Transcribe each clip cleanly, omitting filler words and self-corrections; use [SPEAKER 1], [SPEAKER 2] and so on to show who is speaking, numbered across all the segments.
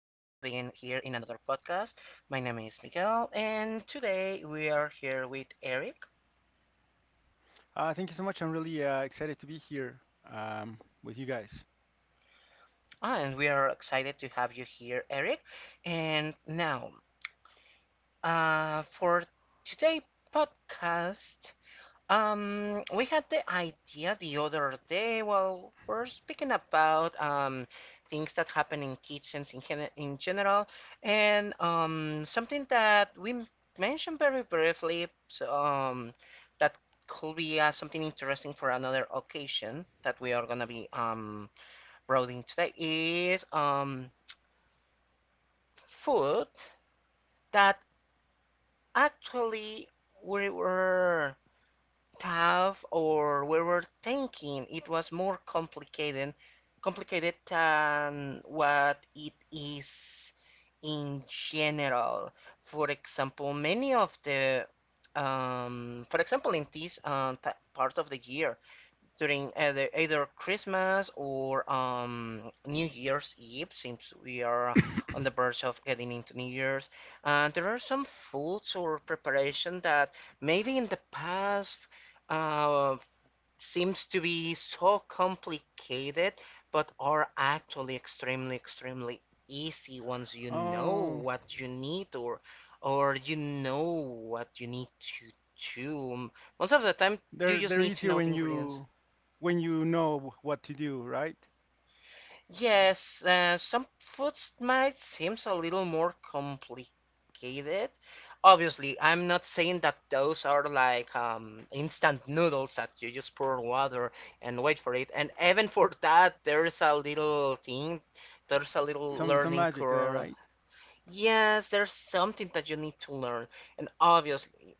[SPEAKER 1] here in another podcast. My name is Miguel, and today we are here with Eric,
[SPEAKER 2] Thank you so much. I'm really excited to be here with you guys.
[SPEAKER 1] and we are excited to have you here, Eric. And now, for today podcast, we had the idea the other day while we're speaking about things that happen in kitchens in, in general, and something that we mentioned very briefly, so, that could be something interesting for another occasion that we are gonna be roading today is food that actually we were thinking it was more complicated than what it is in general. For example, in this part of the year, during either Christmas or New Year's Eve, since we are on the verge of getting into New Year's. There are some foods or preparation that maybe in the past uh, seems to be so complicated, but are actually extremely, extremely easy once you know
[SPEAKER 2] Oh,
[SPEAKER 1] what you need, or you know what you need to do. Most of the time, you
[SPEAKER 2] they're
[SPEAKER 1] just
[SPEAKER 2] they're
[SPEAKER 1] need to
[SPEAKER 2] easier
[SPEAKER 1] know the ingredients.
[SPEAKER 2] when you know what to do, right?
[SPEAKER 1] Yes, some foods might seem a little more complicated. Obviously, I'm not saying that those are like instant noodles that you just pour water and wait for it. And even for that, there's a little
[SPEAKER 2] Some
[SPEAKER 1] learning
[SPEAKER 2] magic there,
[SPEAKER 1] curve.
[SPEAKER 2] right?
[SPEAKER 1] Yes, there's something that you need to learn. And obviously,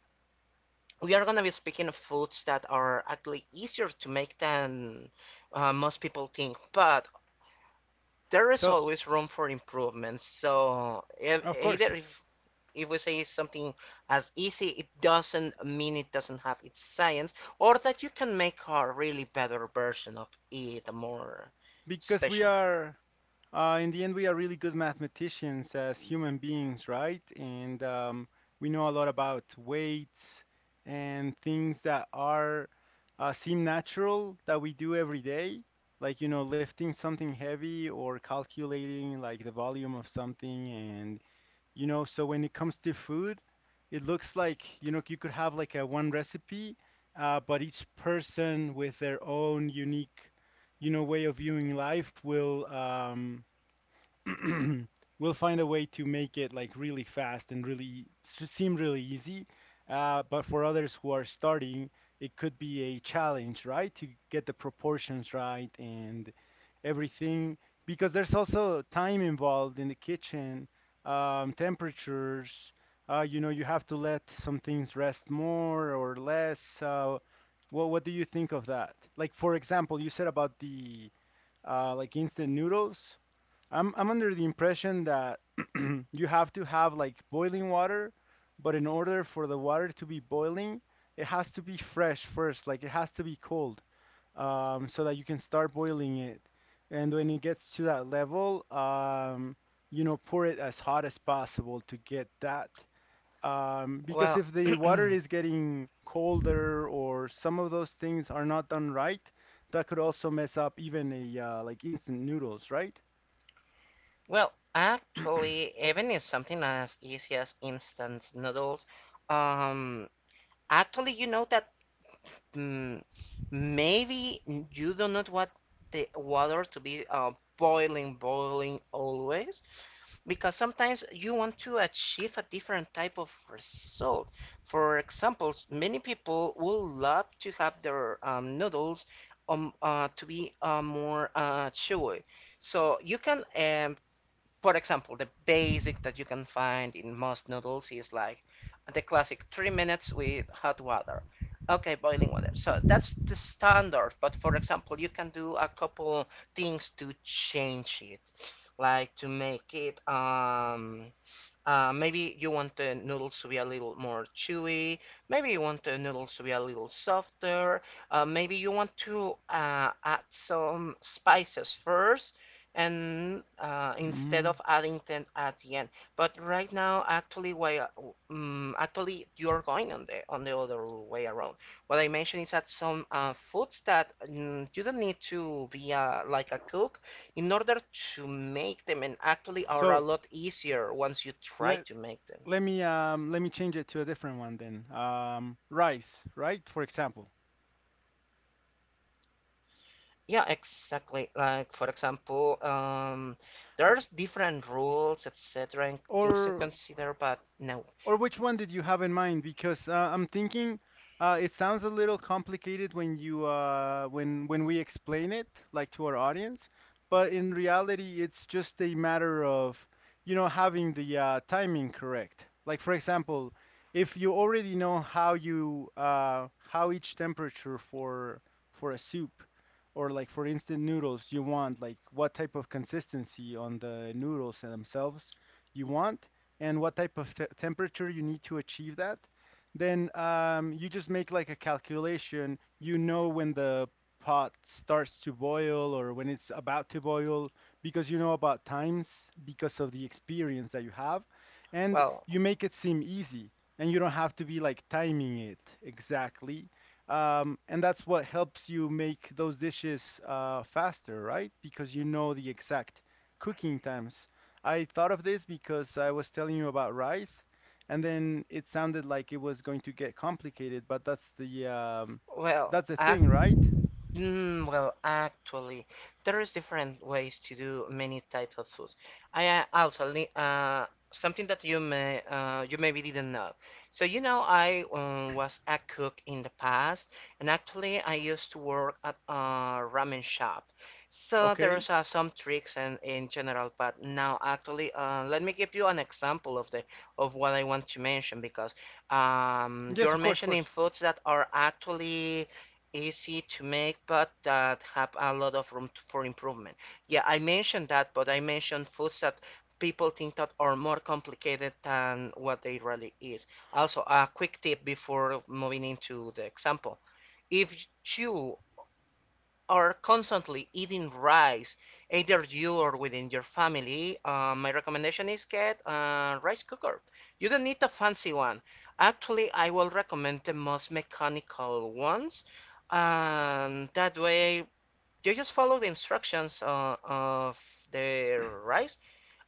[SPEAKER 1] we are gonna be speaking of foods that are actually easier to make than most people think. But there is
[SPEAKER 2] So
[SPEAKER 1] always room for improvement. So if,
[SPEAKER 2] of
[SPEAKER 1] either
[SPEAKER 2] course,
[SPEAKER 1] if if we say something as easy, it doesn't mean it doesn't have its science, or that you can make a really better version of it, more
[SPEAKER 2] because we
[SPEAKER 1] special.
[SPEAKER 2] are in the end, we are really good mathematicians as human beings, right? And we know a lot about weights and things that are, seem natural that we do every day, like, lifting something heavy or calculating like the volume of something. And so when it comes to food, it looks like you could have like a one recipe, but each person with their own unique, way of viewing life will, we'll find a way to make it like really fast and really seem really easy. But for others who are starting, it could be a challenge, right? To get the proportions right and everything, because there's also time involved in the kitchen, temperatures. You have to let some things rest more or less. What do you think of that? Like, for example, you said about the, like instant noodles. I'm under the impression that you have to have like boiling water, but in order for the water to be boiling, it has to be fresh first, like it has to be cold, so that you can start boiling it. And when it gets to that level, pour it as hot as possible to get that. Because
[SPEAKER 1] Well,
[SPEAKER 2] if the water is getting colder or some of those things are not done right, that could also mess up even a, like instant noodles, right?
[SPEAKER 1] actually, even in something as easy as instant noodles, um, actually, Mm, maybe you do not want the water to be boiling, boiling always, because sometimes you want to achieve a different type of result. For example, many people would love to have their noodles to be more chewy. So you can for example, the basic that you can find in most noodles is like the classic 3 minutes with hot water. Okay, boiling water. So that's the standard. But for example, you can do a couple things to change it, like to make it maybe you want the noodles to be a little more chewy. Maybe you want the noodles to be a little softer. Maybe you want to add some spices first and instead
[SPEAKER 2] Mm.
[SPEAKER 1] of adding them at the end. But right now, actually, actually you're going on the other way around. What I mentioned is that some foods that you don't need to be like a cook in order to make them, and actually are a
[SPEAKER 2] So
[SPEAKER 1] lot easier once you try
[SPEAKER 2] let
[SPEAKER 1] to make them.
[SPEAKER 2] let me change it to a different one then. Rice, right? For example,
[SPEAKER 1] Yeah, exactly. Like for example, there's different rules, etc., and things to
[SPEAKER 2] or
[SPEAKER 1] consider, but no.
[SPEAKER 2] Or which one did you have in mind? Because, I'm thinking, it sounds a little complicated when you when we explain it like to our audience, but in reality, it's just a matter of having the, timing correct. Like, for example, if you already know how each temperature for a soup or like for instant noodles you want, like what type of consistency on the noodles themselves you want and what type of temperature you need to achieve that, then, you just make like a calculation. You know when the pot starts to boil or when it's about to boil, because you know about times because of the experience that you have. And
[SPEAKER 1] Well,
[SPEAKER 2] you make it seem easy, and you don't have to be like timing it exactly. And that's what helps you make those dishes, faster, right? Because you know the exact cooking times. I thought of this because I was telling you about rice, and then it sounded like it was going to get complicated, but that's the um,
[SPEAKER 1] well,
[SPEAKER 2] that's the
[SPEAKER 1] ac
[SPEAKER 2] thing, right?
[SPEAKER 1] Actually, there is different ways to do many types of foods. I something that you may you maybe didn't know. So you know, I was a cook in the past, and actually, I used to work at a ramen shop. So
[SPEAKER 2] Okay.
[SPEAKER 1] there's some tricks and in general, but now actually, let me give you an example of the of what I want to mention because
[SPEAKER 2] Yes, of
[SPEAKER 1] you're
[SPEAKER 2] course, of course.
[SPEAKER 1] mentioning foods that are actually easy to make, but that have a lot of room to, for improvement. Yeah, I mentioned that, but I mentioned foods that people think that are more complicated than what they really is. Also, a quick tip before moving into the example. If you are constantly eating rice, either you or within your family, my recommendation is get a rice cooker. You don't need a fancy one. Actually, I will recommend the most mechanical ones, and that way you just follow the instructions of the rice,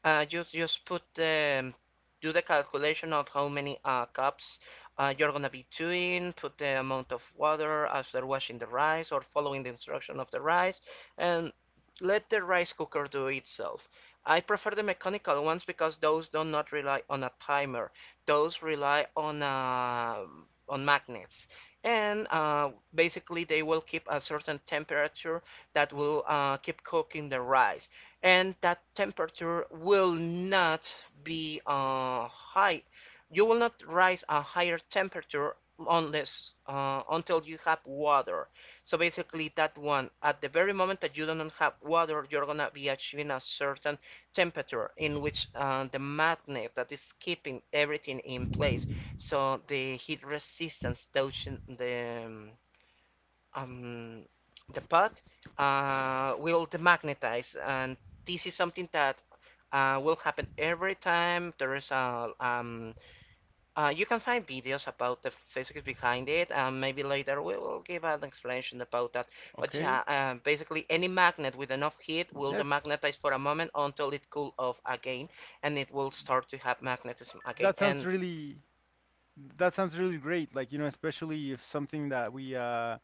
[SPEAKER 1] just put the do the calculation of how many cups you're gonna be doing. Put the amount of water after washing the rice or following the instruction of the rice, and let the rice cooker do itself. I prefer the mechanical ones because those do not rely on a timer. Those rely on magnets, and basically they will keep a certain temperature that will keep cooking the rice, and that temperature will not be high. You will not rise a higher temperature unless until you have water. So basically, that one at the very moment that you don't have water, you're gonna be achieving a certain temperature in which the magnet that is keeping everything in place, so the heat resistance does um, the pot will demagnetize, and this is something that will happen every time there is a. You can find videos about the physics behind it, and maybe later we will give an explanation about that. But
[SPEAKER 2] Okay.
[SPEAKER 1] yeah, basically any magnet with enough heat will
[SPEAKER 2] That's
[SPEAKER 1] demagnetize for a moment until it cool off again, and it will start to have magnetism again.
[SPEAKER 2] that sounds
[SPEAKER 1] And
[SPEAKER 2] really that sounds really great. Like, especially if something that we uh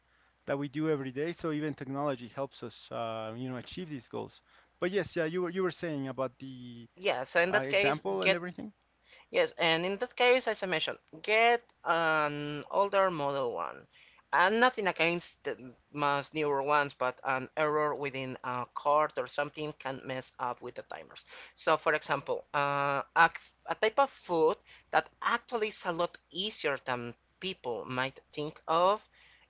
[SPEAKER 2] that we do every day, so even technology helps us, achieve these goals. But yes, yeah, you were saying about the,
[SPEAKER 1] yes, yeah, so in that case,
[SPEAKER 2] example and
[SPEAKER 1] get
[SPEAKER 2] everything.
[SPEAKER 1] Yes, and in that case, as I mentioned, get an older model one. And nothing against the much newer ones, but an error within a card or something can mess up with the timers. So, for example, a type of food that actually is a lot easier than people might think of,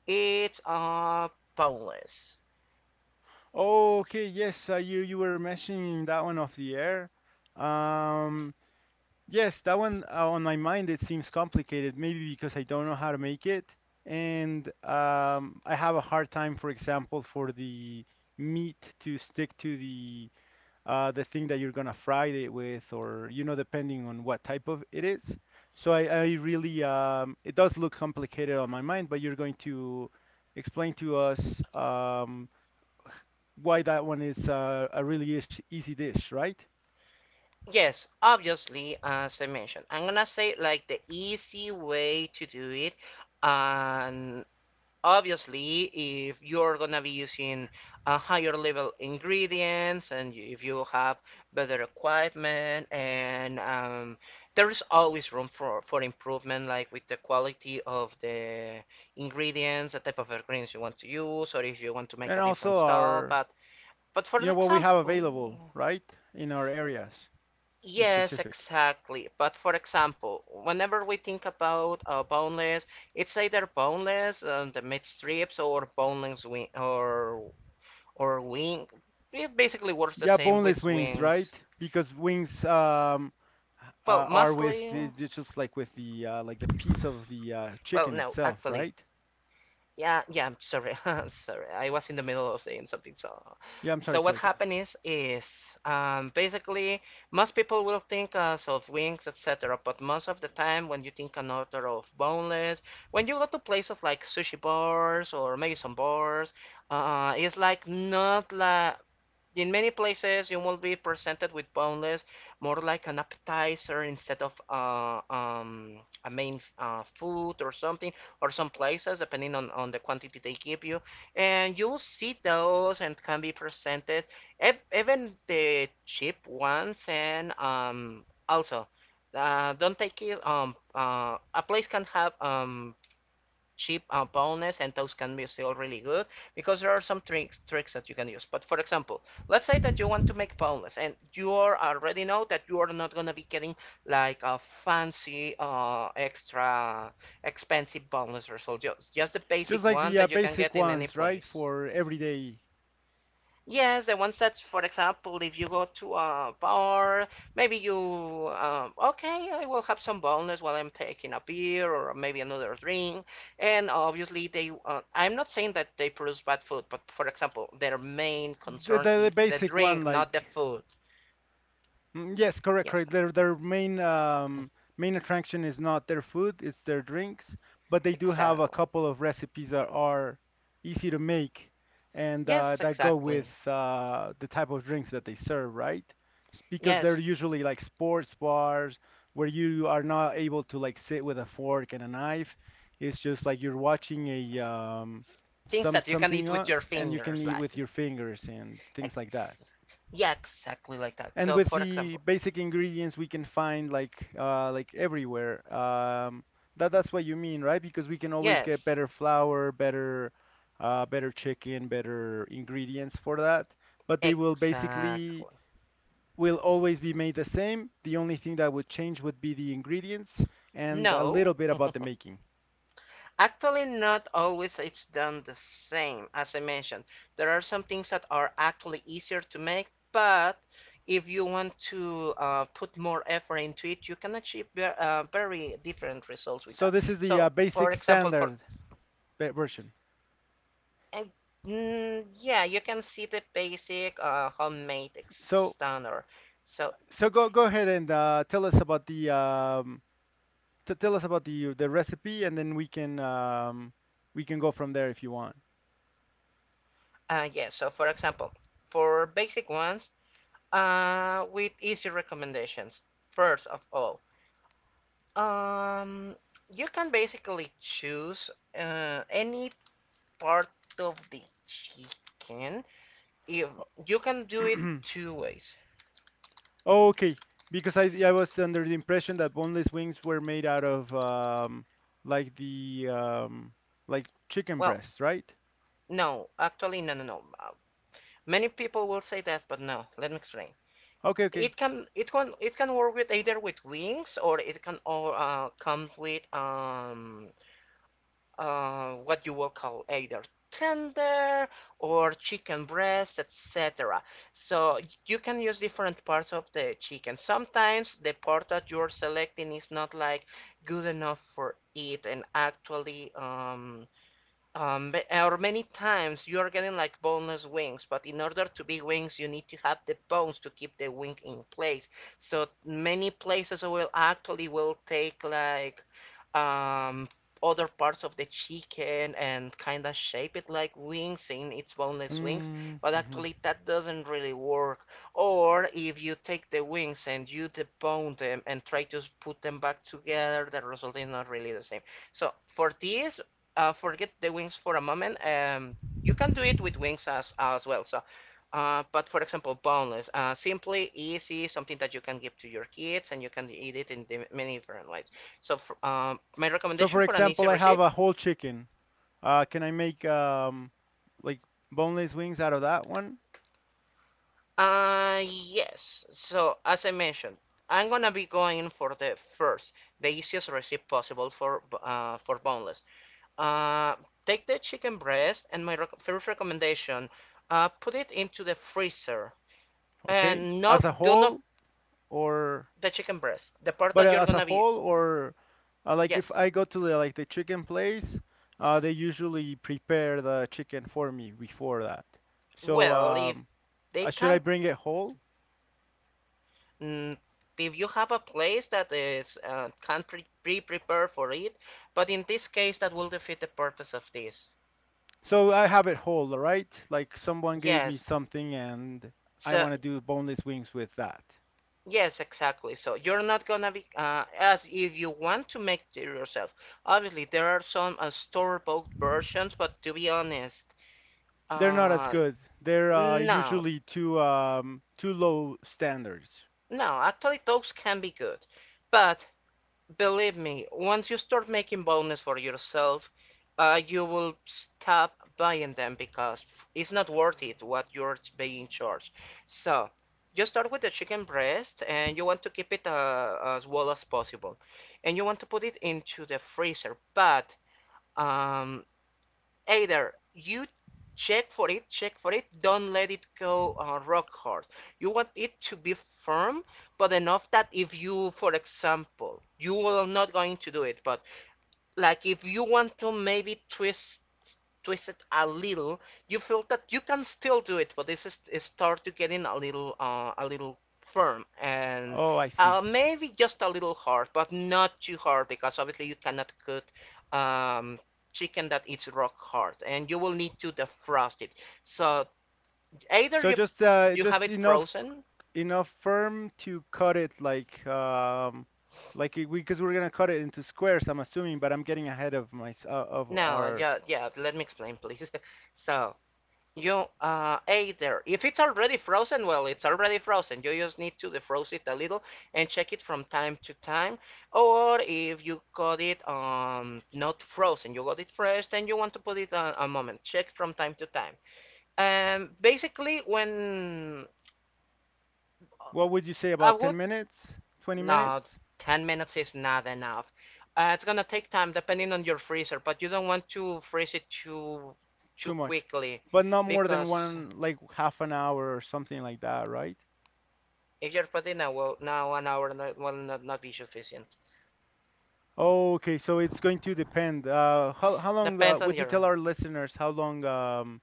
[SPEAKER 1] it's boneless.
[SPEAKER 2] Okay, yes, you were mentioning that one off the air. Um, yes, that one, on my mind it seems complicated, maybe because I don't know how to make it, and, I have a hard time, for example, for the meat to stick to the thing that you're gonna fry it with, or, depending on what type of it is. So I really, it does look complicated on my mind, but you're going to explain to us, why that one is, a really easy dish, right?
[SPEAKER 1] Yes, obviously, as I mentioned, I'm gonna say like the easy way to do it, and obviously, if you're gonna be using a higher level ingredients and if you have better equipment and there is always room for improvement, like with the quality of the ingredients, the type of ingredients you want to use, or if you want to make
[SPEAKER 2] And
[SPEAKER 1] a different
[SPEAKER 2] also
[SPEAKER 1] style.
[SPEAKER 2] our,
[SPEAKER 1] But for
[SPEAKER 2] what we have available,
[SPEAKER 1] example,
[SPEAKER 2] right, in our areas in
[SPEAKER 1] yes,
[SPEAKER 2] specific.
[SPEAKER 1] exactly. But for example, whenever we think about boneless, it's either boneless, the meat strips, or boneless wing, or wing. It basically works the
[SPEAKER 2] Yeah,
[SPEAKER 1] same
[SPEAKER 2] boneless
[SPEAKER 1] with
[SPEAKER 2] wings, right?
[SPEAKER 1] wings.
[SPEAKER 2] Because wings,
[SPEAKER 1] Well,
[SPEAKER 2] are with
[SPEAKER 1] mostly.
[SPEAKER 2] the, it's just like with the, like the piece of the,
[SPEAKER 1] Well,
[SPEAKER 2] chicken
[SPEAKER 1] no,
[SPEAKER 2] itself,
[SPEAKER 1] actually,
[SPEAKER 2] right?
[SPEAKER 1] yeah, yeah, sorry. Sorry. I was in the middle of saying something. So,
[SPEAKER 2] Yeah, I'm sorry,
[SPEAKER 1] so what
[SPEAKER 2] sorry.
[SPEAKER 1] happened is basically most people will think us of wings, etc. But most of the time, when you think an order of boneless, when you go to places like sushi bars or maybe some bars, it's like not like in many places, you will be presented with boneless, more like an appetizer instead of a main food or something, or some places, depending on the quantity they give you. And you'll see those and can be presented, ev even the cheap ones. And also, don't take it, a place can have cheap bonus, and those can be still really good because there are some tricks that you can use. But for example, let's say that you want to make bonus and you already know that you are not going to be getting like a fancy extra expensive bonus result, just the
[SPEAKER 2] Just
[SPEAKER 1] basic
[SPEAKER 2] like
[SPEAKER 1] one
[SPEAKER 2] the,
[SPEAKER 1] that you can
[SPEAKER 2] basic
[SPEAKER 1] get in any
[SPEAKER 2] ones, right,
[SPEAKER 1] place.
[SPEAKER 2] for everyday,
[SPEAKER 1] Yes, the ones that, for example, if you go to a bar, maybe you, okay, I will have some boneless while I'm taking a beer or maybe another drink. And obviously, they, I'm not saying that they produce bad food, but for example, their main
[SPEAKER 2] the,
[SPEAKER 1] concern
[SPEAKER 2] the the
[SPEAKER 1] is the
[SPEAKER 2] basic
[SPEAKER 1] drink,
[SPEAKER 2] one
[SPEAKER 1] not the
[SPEAKER 2] like—
[SPEAKER 1] food.
[SPEAKER 2] Mm, yes, correct,
[SPEAKER 1] Yes,
[SPEAKER 2] correct. Their main, main attraction is not their food, it's their drinks, but they do have a
[SPEAKER 1] exactly.
[SPEAKER 2] couple of recipes that are easy to make and,
[SPEAKER 1] Yes,
[SPEAKER 2] that go with,
[SPEAKER 1] exactly.
[SPEAKER 2] the type of drinks that they serve, right? Because they're
[SPEAKER 1] Yes,
[SPEAKER 2] usually like sports bars where you are not able to like sit with a fork and a knife. It's just like you're watching a,
[SPEAKER 1] things
[SPEAKER 2] some
[SPEAKER 1] that you can
[SPEAKER 2] something
[SPEAKER 1] eat with your
[SPEAKER 2] and you can
[SPEAKER 1] fingers,
[SPEAKER 2] eat
[SPEAKER 1] like,
[SPEAKER 2] with your fingers and things like that,
[SPEAKER 1] ex yeah, exactly like that.
[SPEAKER 2] and
[SPEAKER 1] So,
[SPEAKER 2] with
[SPEAKER 1] for
[SPEAKER 2] the
[SPEAKER 1] example,
[SPEAKER 2] basic ingredients we can find like, like everywhere. That's what you mean, right? Because we can always get
[SPEAKER 1] yes,
[SPEAKER 2] better flour, better chicken, better ingredients for that. But they will basically
[SPEAKER 1] exactly.
[SPEAKER 2] will always be made the same. The only thing that would change would be the ingredients and a
[SPEAKER 1] No,
[SPEAKER 2] little bit about the making.
[SPEAKER 1] actually not always it's done the same. As I mentioned, there are some things that are actually easier to make, but if you want to put more effort into it, you can achieve very different results with
[SPEAKER 2] So
[SPEAKER 1] that.
[SPEAKER 2] this is the,
[SPEAKER 1] So, for
[SPEAKER 2] basic
[SPEAKER 1] example, for
[SPEAKER 2] standard version.
[SPEAKER 1] and, yeah, you can see the basic homemade
[SPEAKER 2] So
[SPEAKER 1] standard. So,
[SPEAKER 2] so go ahead and, tell us about the T tell us about the recipe, and then we can go from there if you want.
[SPEAKER 1] yeah, so for example, for basic ones, with easy recommendations. First of all, Um, you can basically choose any part of the chicken. If you can do it two ways.
[SPEAKER 2] Okay, because I was under the impression that boneless wings were made out of, like the, like chicken
[SPEAKER 1] Well,
[SPEAKER 2] breasts, right?
[SPEAKER 1] no, actually, no, no, no. Many people will say that, but no. Let me explain.
[SPEAKER 2] Okay, okay.
[SPEAKER 1] It can work with either with wings, or it can or comes with what you will call either tender or chicken breast, etc. So you can use different parts of the chicken. Sometimes the part that you're selecting is not like good enough for it, and actually, um, or many times you are getting like boneless wings, but in order to be wings, you need to have the bones to keep the wing in place. So many places will actually will take like um, other parts of the chicken and kind of shape it like wings in its boneless wings,
[SPEAKER 2] Mm,
[SPEAKER 1] but
[SPEAKER 2] mhm.
[SPEAKER 1] actually that doesn't really work. Or if you take the wings and you debone them and try to put them back together, the result is not really the same. So for this forget the wings for a moment. You can do it with wings as well. So, but for example, boneless, simply easy, something that you can give to your kids, and you can eat it in the many different ways. So, for, my
[SPEAKER 2] So
[SPEAKER 1] recommendation
[SPEAKER 2] for
[SPEAKER 1] for an easy
[SPEAKER 2] example, I have
[SPEAKER 1] recipe,
[SPEAKER 2] a whole chicken. Can I make, like boneless wings out of that one?
[SPEAKER 1] yes. So as I mentioned, I'm gonna be going for the first, the easiest recipe possible for boneless. Uh, Take the chicken breast, and my first recommendation, put it into the freezer.
[SPEAKER 2] Okay,
[SPEAKER 1] And
[SPEAKER 2] as a
[SPEAKER 1] not, do not,
[SPEAKER 2] whole, or—
[SPEAKER 1] the chicken breast, the part
[SPEAKER 2] But,
[SPEAKER 1] that you're
[SPEAKER 2] as a
[SPEAKER 1] gonna be.
[SPEAKER 2] whole, or, like if
[SPEAKER 1] Yes.
[SPEAKER 2] I go to the, like the chicken place, they usually prepare the chicken for me before that. So,
[SPEAKER 1] Well, if they
[SPEAKER 2] should I
[SPEAKER 1] can't,
[SPEAKER 2] bring it whole?
[SPEAKER 1] mm, if you have a place that is can't prepare for it, but in this case that will defeat the purpose of this.
[SPEAKER 2] So I have it whole, right? Like someone gave me
[SPEAKER 1] Yes.
[SPEAKER 2] something and I
[SPEAKER 1] So
[SPEAKER 2] want to do boneless wings with that.
[SPEAKER 1] yes, exactly. So you're not gonna be as if you want to make it yourself. Obviously, there are some store-bought versions, but to be honest,
[SPEAKER 2] They're not as
[SPEAKER 1] uh,
[SPEAKER 2] good. They're,
[SPEAKER 1] no,
[SPEAKER 2] usually too, too low standards.
[SPEAKER 1] no. Actually, those can be good, but believe me, once you start making bonuses for yourself, you will stop buying them because it's not worth it what you're being charged. So, you start with the chicken breast and you want to keep it as well as possible. And you want to put it into the freezer, but um, either you check for it, check for it. Don't let it go rock hard. You want it to be firm, but enough that if you, for example, you are not going to do it, but like if you want to maybe twist, twist it a little, you feel that you can still do it, but this is start to getting a little firm and
[SPEAKER 2] Oh, I see.
[SPEAKER 1] maybe just a little hard, but not too hard because obviously you cannot cut um, chicken that is rock hard, and you will need to defrost it. So either
[SPEAKER 2] So
[SPEAKER 1] you,
[SPEAKER 2] just,
[SPEAKER 1] you have
[SPEAKER 2] just
[SPEAKER 1] it
[SPEAKER 2] enough
[SPEAKER 1] frozen.
[SPEAKER 2] enough firm to cut it like, like we, because we're gonna cut it into squares, I'm assuming, but I'm getting ahead of of
[SPEAKER 1] No,
[SPEAKER 2] our—
[SPEAKER 1] yeah, yeah. Let me explain, please. So you ate there. If it's already frozen, well, it's already frozen. You just need to defrost it a little and check it from time to time. Or if you got it not frozen, you got it fresh, then you want to put it on a moment. Check from time to time. Basically, when
[SPEAKER 2] What would you say
[SPEAKER 1] I
[SPEAKER 2] about
[SPEAKER 1] would,
[SPEAKER 2] 10 minutes? 20
[SPEAKER 1] no,
[SPEAKER 2] minutes?
[SPEAKER 1] 10 minutes is not enough. It's gonna take time depending on your freezer, but you don't want to freeze it too
[SPEAKER 2] Too much.
[SPEAKER 1] quickly
[SPEAKER 2] But not more than
[SPEAKER 1] because
[SPEAKER 2] one, like half an hour or something like that, right?
[SPEAKER 1] if you're putting now, well, now an hour will not be sufficient.
[SPEAKER 2] Okay, so it's going to depend. How long,
[SPEAKER 1] Depends on
[SPEAKER 2] would you tell
[SPEAKER 1] your.
[SPEAKER 2] our listeners how long, um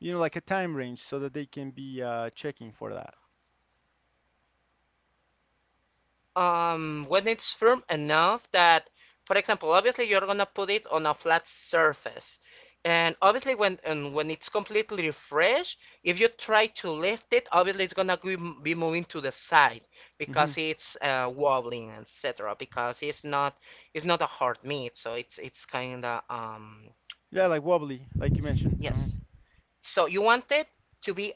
[SPEAKER 2] you know like a time range so that they can be, checking for that?
[SPEAKER 1] When it's firm enough that, for example, obviously you're gonna put it on a flat surface, and obviously when, and when it's completely fresh, if you try to lift it, obviously it's gonna be moving to the side
[SPEAKER 2] Hmm.
[SPEAKER 1] because it's wobbling, etc. Because it's not a hard meat, so it's kind of
[SPEAKER 2] Yeah, like wobbly, like you mentioned.
[SPEAKER 1] yes. So you want it to be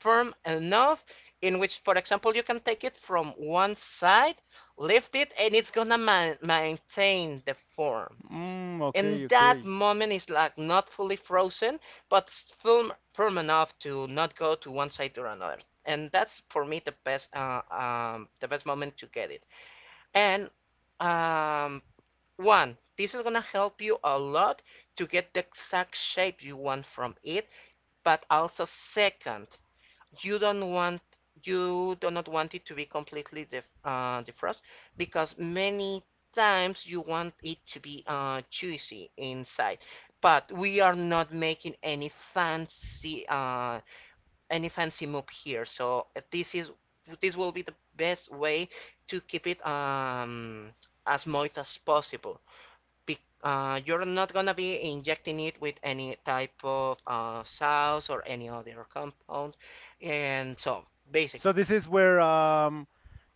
[SPEAKER 1] firm enough in which, for example, you can take it from one side, lift it, and it's gonna maintain the form.
[SPEAKER 2] Mm,
[SPEAKER 1] And
[SPEAKER 2] okay,
[SPEAKER 1] that
[SPEAKER 2] okay.
[SPEAKER 1] moment is like not fully frozen, but firm, firm enough to not go to one side or another. And that's for me the best moment to get it. And um, one, this is gonna help you a lot to get the exact shape you want from it. But also, second, you don't want you do not want it to be completely def, defrost because many times you want it to be juicy inside, but we are not making any fancy move here, so this will be the best way to keep it as moist as possible, be, you're not gonna be injecting it with any type of sauce or any other compound. And so, basic.
[SPEAKER 2] So this is where,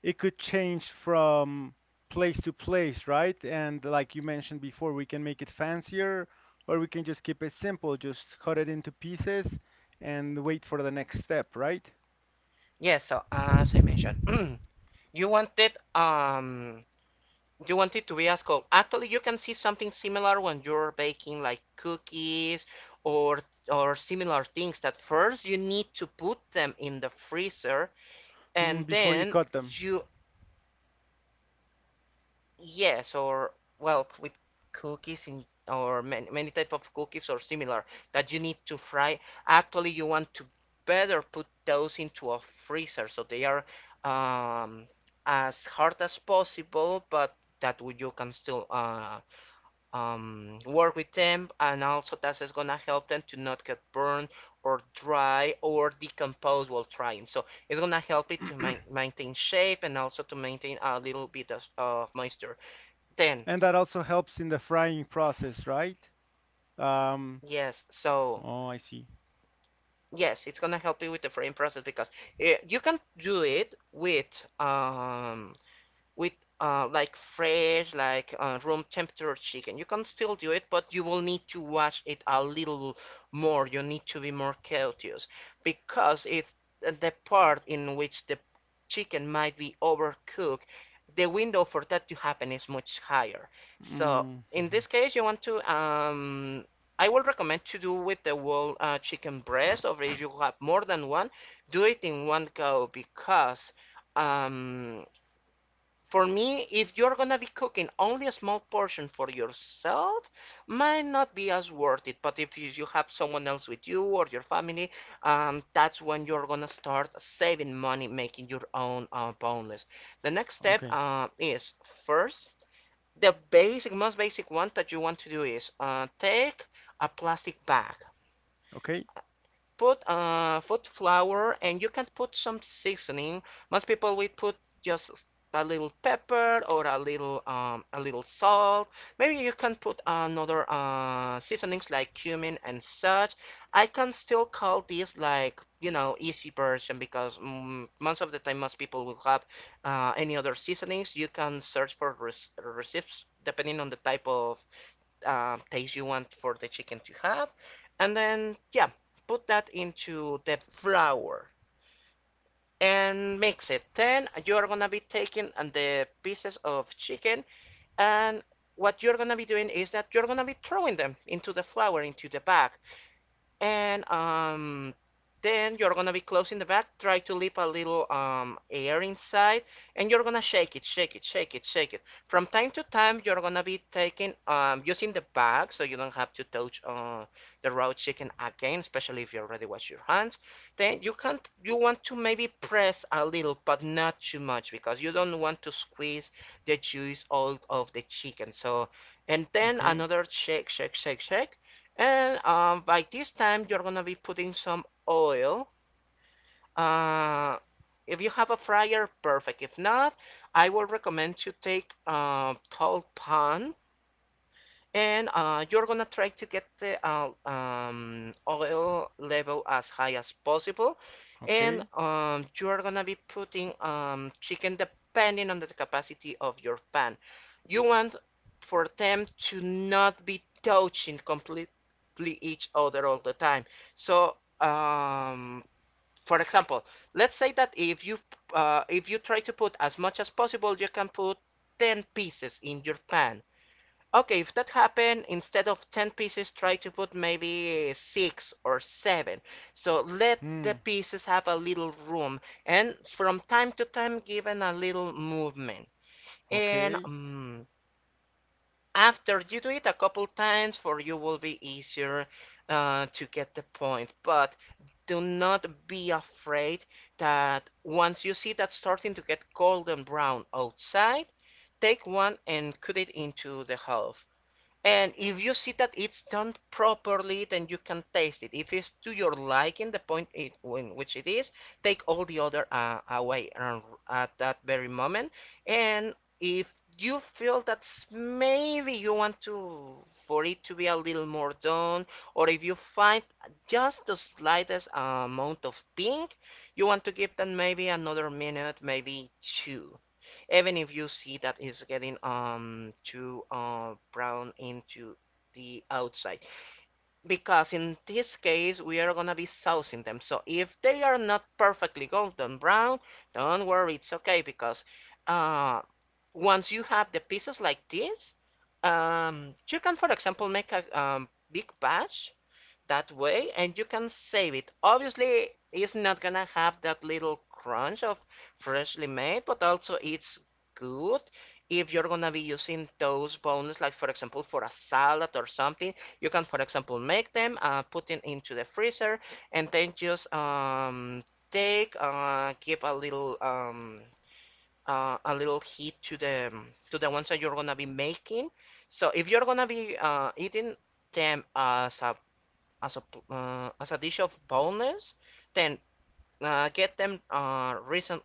[SPEAKER 2] it could change from place to place, right? And like you mentioned before, we can make it fancier or we can just keep it simple, just cut it into pieces and wait for the next step, right?
[SPEAKER 1] Yes, yeah, so as I mentioned, you want it um you want it to be as cold. Actually, you can see something similar when you're baking like cookies or or similar things that first you need to put them in the freezer
[SPEAKER 2] Mm,
[SPEAKER 1] and
[SPEAKER 2] before you
[SPEAKER 1] then
[SPEAKER 2] cut them.
[SPEAKER 1] you, yes, or well, with cookies in, or many type of cookies or similar that you need to fry. Actually, you want to better put those into a freezer so they are um, as hard as possible, but that you can still work with them, and also that is gonna help them to not get burned or dry or decompose while trying. So it's gonna help it to maintain shape and also to maintain a little bit of moisture. 10,
[SPEAKER 2] And that also helps in the frying process, right? Um,
[SPEAKER 1] yes, so
[SPEAKER 2] oh, I see.
[SPEAKER 1] yes, it's gonna help you with the frame process because eh, you can do it with with like fresh, like room temperature chicken. You can still do it, but you will need to watch it a little more. You need to be more cautious because it's the part in which the chicken might be overcooked. The window for that to happen is much higher. So
[SPEAKER 2] Mm,
[SPEAKER 1] in
[SPEAKER 2] mhm.
[SPEAKER 1] this case, you want to I will recommend to do with the whole chicken breast, or if you have more than one, do it in one go because um, for me, if you're gonna be cooking only a small portion for yourself, might not be as worth it. But if you have someone else with you or your family, that's when you're gonna start saving money, making your own boneless. The next step
[SPEAKER 2] Okay,
[SPEAKER 1] is first, the basic, most basic one that you want to do is take a plastic bag,
[SPEAKER 2] okay,
[SPEAKER 1] put food flour, and you can put some seasoning. Most people will put just a little pepper or a little salt. Maybe you can put another seasonings like cumin and such. I can still call this like you know easy version because mm, most of the time most people will have any other seasonings. You can search for recipes depending on the type of taste you want for the chicken to have, and then yeah, put that into the flour and mix it. Then you're gonna be taking the pieces of chicken and what you're gonna be doing is that you're gonna be throwing them into the flour into the bag and then you're gonna be closing the bag. Try to leave a little air inside, and you're gonna shake it, shake it, shake it, shake it. From time to time, you're gonna be taking using the bag, so you don't have to touch the raw chicken again, especially if you already wash your hands. Then you want to maybe press a little, but not too much, because you don't want to squeeze the juice out of the chicken. So, and then
[SPEAKER 2] okay,
[SPEAKER 1] another shake, shake, shake, shake, and by this time, you're gonna be putting some oil. Uh, if you have a fryer, perfect. If not, I will recommend you take a tall pan and you're gonna try to get the oil level as high as possible, and
[SPEAKER 2] okay.
[SPEAKER 1] you're gonna be putting chicken depending on the capacity of your pan. You want for them to not be touching completely each other all the time, so for example, let's say that if you try to put as much as possible you can put 10 pieces in your pan. Okay, if that happened, instead of 10 pieces, try to put maybe 6 or 7. So let the
[SPEAKER 2] Hmm,
[SPEAKER 1] pieces have a little room, and from time to time given a little movement. And
[SPEAKER 2] okay,
[SPEAKER 1] mm, after you do it a couple times, for you will be easier to get the point. But do not be afraid that once you see that starting to get golden brown outside, take one and cut it into the half. And if you see that it's done properly, then you can taste it. If it's to your liking, the point it, in which it is, take all the other away at that very moment. And if you feel that maybe you want to for it to be a little more done, or if you find just the slightest amount of pink, you want to give them maybe another minute, maybe two, even if you see that it's getting too brown into the outside. Because in this case we are gonna be saucing them, so if they are not perfectly golden brown, don't worry, it's okay because uh once you have the pieces like this, you can for example make a big batch that way and you can save it. Obviously, it's not gonna have that little crunch of freshly made, but also it's good if you're gonna be using those bones, like for example for a salad or something. You can, for example, make them, put it into the freezer, and then just take, give a little heat to the ones that you're gonna be making. So if you're gonna be eating them as a as a dish of boneless, then get them recent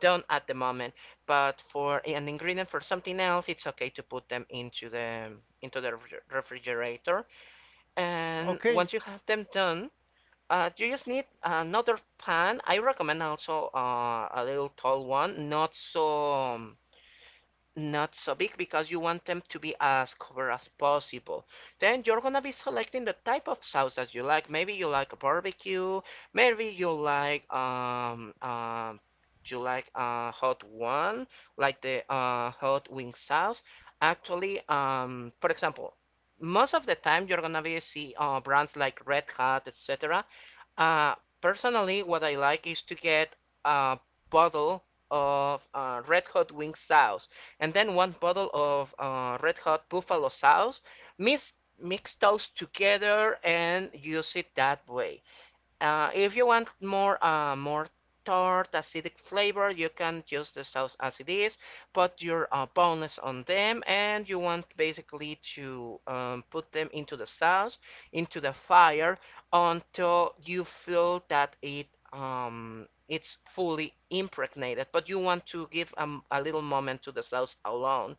[SPEAKER 1] done at the moment. But for an ingredient for something else, it's okay to put them into the refrigerator. And
[SPEAKER 2] okay.
[SPEAKER 1] once you have them done, you just need another pan. I recommend also a little tall one, not so not so big because you want them to be as covered as possible. Then you're gonna be selecting the type of sauce that you like. Maybe you like a barbecue, maybe you like a hot one, like the hot wing sauce. Actually, for example, most of the time you're gonna be see brands like Red Hat, etc. Uh, personally, what I like is to get a bottle of Red Hot Wing sauce and then one bottle of Red Hot Buffalo sauce. Mix those together and use it that way. If you want more more tart acidic flavor, you can use the sauce as it is. Put your boneless on them, and you want basically to put them into the sauce, into the fire, until you feel that it's fully impregnated. But you want to give a little moment to the sauce alone,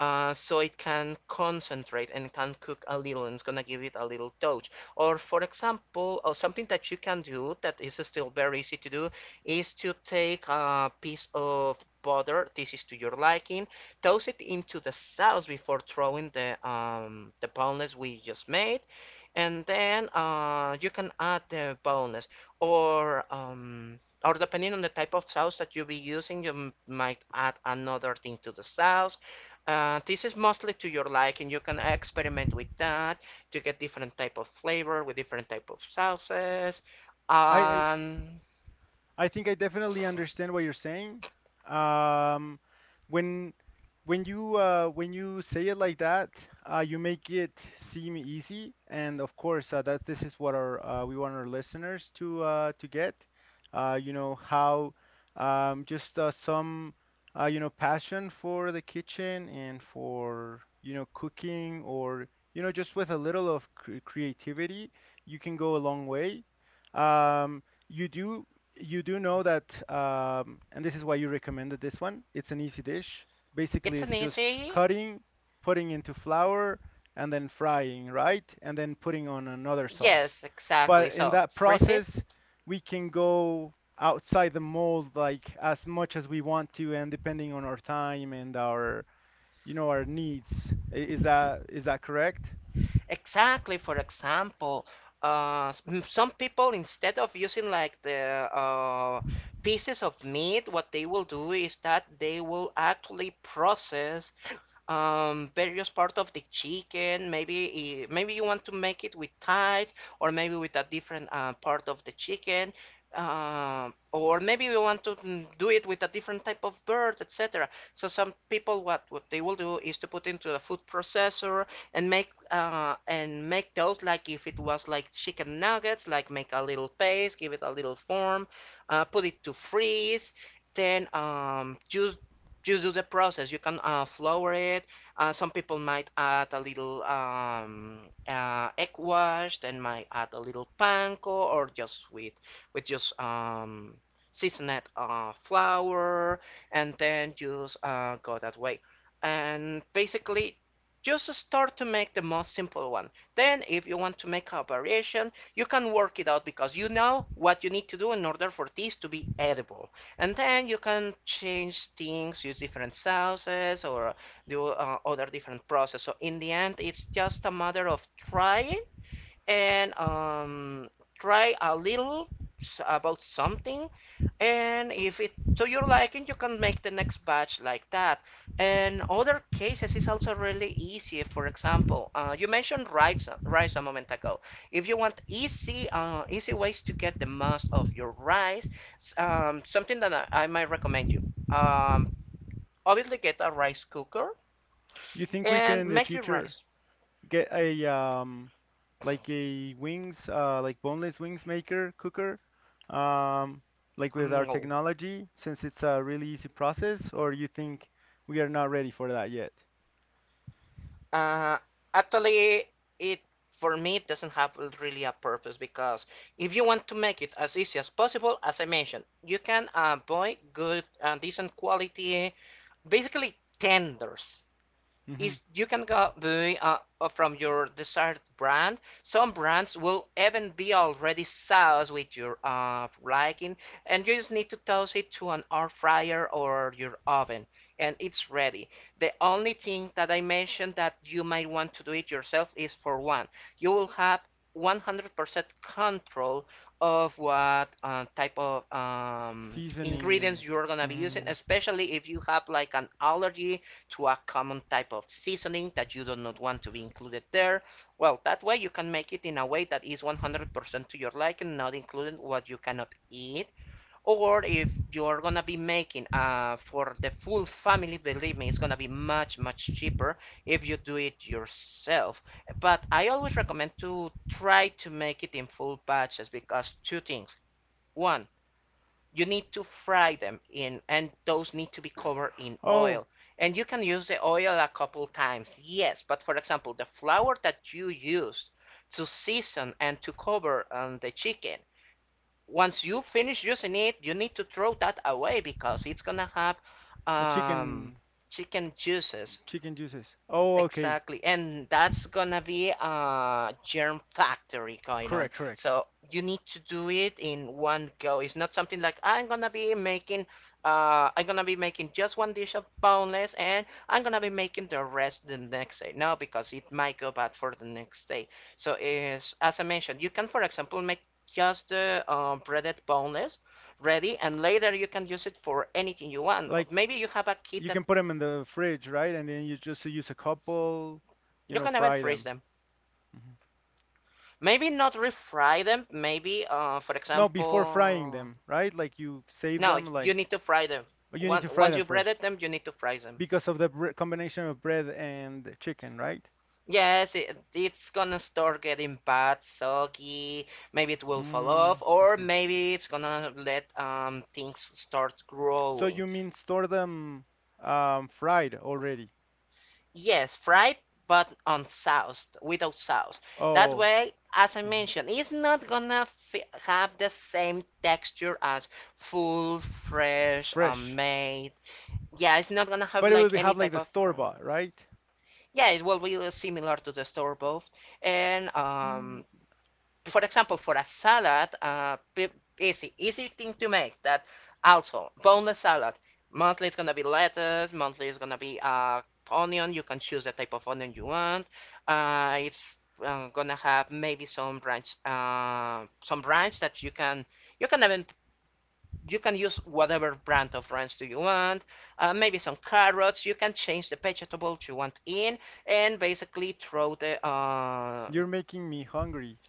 [SPEAKER 1] so it can concentrate and can cook a little and it's gonna give it a little touch. Or for example, or something that you can do that is still very easy to do is to take a piece of butter, this is to your liking, toss it into the sauce before throwing the boneless we just made, and then you can add the boneless or depending on the type of sauce that you'll be using, you might add another thing to the sauce. This is mostly to your liking. You can experiment with that to get different type of flavor with different type of sauces.
[SPEAKER 2] I, I
[SPEAKER 1] Um,
[SPEAKER 2] I think I definitely understand what you're saying. Um, when when you say it like that, you make it seem easy, and of course, that this is what our we want our listeners to get. You know how, just, some, passion for the kitchen and for, cooking, or, just with a little of creativity, you can go a long way. Um, you do you do know that, and this is why you recommended this one. It's an easy dish. Basically,
[SPEAKER 1] it's an
[SPEAKER 2] it's just
[SPEAKER 1] easy.
[SPEAKER 2] cutting, putting into flour, and then frying, right? And then putting on another sauce.
[SPEAKER 1] Yes, exactly.
[SPEAKER 2] But in
[SPEAKER 1] So
[SPEAKER 2] that
[SPEAKER 1] freeze it.
[SPEAKER 2] process, we can go outside the mold like as much as we want to, and depending on our time and our needs. Is that correct?
[SPEAKER 1] Exactly. For example, uh, some people instead of using like the pieces of meat, what they will do is that they will actually process various part of the chicken. Maybe maybe you want to make it with thighs, or maybe with a different part of the chicken, or maybe you want to do it with a different type of bird, etc. So some people what they will do is to put into the food processor and make and make those like if it was like chicken nuggets, like make a little paste, give it a little form, put it to freeze. Then juice just do the process. You can flour it. Some people might add a little egg wash, then might add a little panko, or just with just seasoned flour, and then just go that way. And basically, just start to make the most simple one. Then, if you want to make a variation, you can work it out because you know what you need to do in order for this to be edible, and then you can change things, use different sauces or do other different process. So in the end it's just a matter of trying, and try a little about something, and if it to your liking you can make the next batch like that. And other cases is also really easy. For example, you mentioned rice a moment ago. If you want easy easy ways to get the most of your rice, something that I might recommend you, um, obviously get a rice cooker
[SPEAKER 2] You think we can
[SPEAKER 1] and
[SPEAKER 2] in the
[SPEAKER 1] make your
[SPEAKER 2] future?
[SPEAKER 1] rice.
[SPEAKER 2] Get a, like a wings like boneless wings maker cooker, um like with our
[SPEAKER 1] Mm.
[SPEAKER 2] technology, since it's a really easy process? Or you think we are not ready for that yet?
[SPEAKER 1] Uh, actually, it for me it doesn't have really a purpose because if you want to make it as easy as possible, as I mentioned, you can avoid good, decent quality, basically tenders.
[SPEAKER 2] Hmm.
[SPEAKER 1] If you can go buy from your desired brand, some brands will even be already sauced with your liking, and you just need to toast it to an air fryer or your oven, and it's ready. The only thing that I mentioned that you might want to do it yourself is for one, you will have 100% control of what type of
[SPEAKER 2] Seasoning and—
[SPEAKER 1] ingredients you're gonna be using,
[SPEAKER 2] Hmm.
[SPEAKER 1] especially if you have like an allergy to a common type of seasoning that you do not want to be included there. Well, that way you can make it in a way that is 100% to your liking, not including what you cannot eat. Or if you're gonna be making for the full family, believe me, it's gonna be much, much cheaper if you do it yourself. But I always recommend to try to make it in full batches because two things. One, you need to fry them in and those need to be covered in
[SPEAKER 2] Oh,
[SPEAKER 1] oil, and you can use the oil a couple times, yes, but for example the flour that you use to season and to cover the chicken, once you finish using it you need to throw that away because it's gonna have
[SPEAKER 2] oh,
[SPEAKER 1] um,
[SPEAKER 2] chicken
[SPEAKER 1] chicken juices.
[SPEAKER 2] chicken juices. Oh, okay.
[SPEAKER 1] Exactly. And that's gonna be a germ factory going on.
[SPEAKER 2] Correct, correct.
[SPEAKER 1] So you need to do it in one go. It's not something like I'm gonna be making I'm gonna be making just one dish of boneless and I'm gonna be making the rest the next day. No, because it might go bad for the next day. So is as I mentioned, you can for example make just the breaded boneless ready and later you can use it for anything you want.
[SPEAKER 2] Like
[SPEAKER 1] Maybe you have a kid
[SPEAKER 2] you
[SPEAKER 1] that
[SPEAKER 2] can put them in the fridge, right? And then you just use a couple,
[SPEAKER 1] you can even
[SPEAKER 2] fry
[SPEAKER 1] freeze
[SPEAKER 2] them.
[SPEAKER 1] them.
[SPEAKER 2] Hmm.
[SPEAKER 1] Maybe not refry them. Maybe, for
[SPEAKER 2] No, before frying
[SPEAKER 1] example,
[SPEAKER 2] them, right? Like you save
[SPEAKER 1] no,
[SPEAKER 2] them
[SPEAKER 1] you
[SPEAKER 2] like—
[SPEAKER 1] need to fry them.
[SPEAKER 2] But you need
[SPEAKER 1] Once
[SPEAKER 2] to fry
[SPEAKER 1] once
[SPEAKER 2] them
[SPEAKER 1] you breaded
[SPEAKER 2] first
[SPEAKER 1] them, you need to fry them.
[SPEAKER 2] because of the combination of bread and chicken, right?
[SPEAKER 1] Yes, it's gonna start getting bad, soggy. Maybe it will fall off,
[SPEAKER 2] Mm,
[SPEAKER 1] or
[SPEAKER 2] mhm.
[SPEAKER 1] maybe it's gonna let things start
[SPEAKER 2] So
[SPEAKER 1] growing.
[SPEAKER 2] you mean store them, fried already?
[SPEAKER 1] Yes, fried, but unsoused, without sauce. That
[SPEAKER 2] Oh,
[SPEAKER 1] way, as I
[SPEAKER 2] mhm.
[SPEAKER 1] mentioned, it's not gonna f have the same texture as full, fresh,
[SPEAKER 2] Fresh.
[SPEAKER 1] made. Yeah, it's not gonna have
[SPEAKER 2] But it will
[SPEAKER 1] like
[SPEAKER 2] be
[SPEAKER 1] any
[SPEAKER 2] have like
[SPEAKER 1] type
[SPEAKER 2] the
[SPEAKER 1] of
[SPEAKER 2] store
[SPEAKER 1] crime.
[SPEAKER 2] bought, right?
[SPEAKER 1] Yeah, it will be similar to the store both. And
[SPEAKER 2] Mm,
[SPEAKER 1] for example, for a salad, easy, easy thing to make. That also boneless salad. Mostly it's gonna be lettuce. Mostly it's gonna be onion. You can choose the type of onion you want. It's gonna have maybe some branch that you can even you can use whatever brand of ranch do you want, maybe some carrots, you can change the vegetables you want in and basically throw the
[SPEAKER 2] you're making me hungry.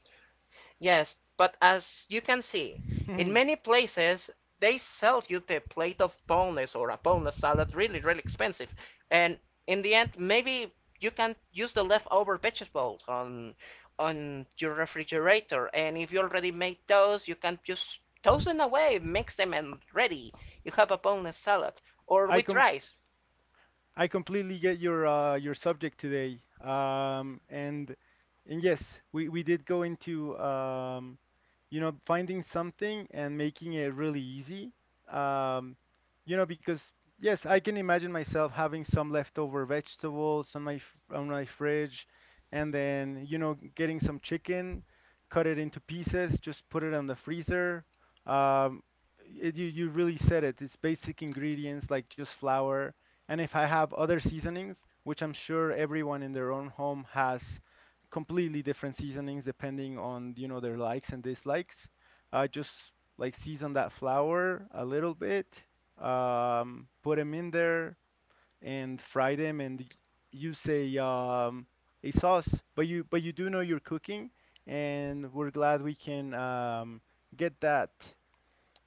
[SPEAKER 1] Yes, but as you can see, in many places they sell you the plate of boneless or a boneless salad really, really expensive. And in the end, maybe you can use the leftover vegetables on your refrigerator. And if you already made those, you can just toss them away, mix them, and ready. You have a boneless salad. Or
[SPEAKER 2] I
[SPEAKER 1] with
[SPEAKER 2] com
[SPEAKER 1] rice.
[SPEAKER 2] I completely get your subject today. And and yes, we did go into finding something and making it really easy. Um, because yes, I can imagine myself having some leftover vegetables on my fridge, and then getting some chicken, cut it into pieces, just put it on the freezer. Um, you really said it. It's basic ingredients like just flour, and if I have other seasonings, which I'm sure everyone in their own home has completely different seasonings depending on, you know, their likes and dislikes, I just like season that flour a little bit, put them in there and fry them and use a sauce. But you do know you're cooking, and we're glad we can get that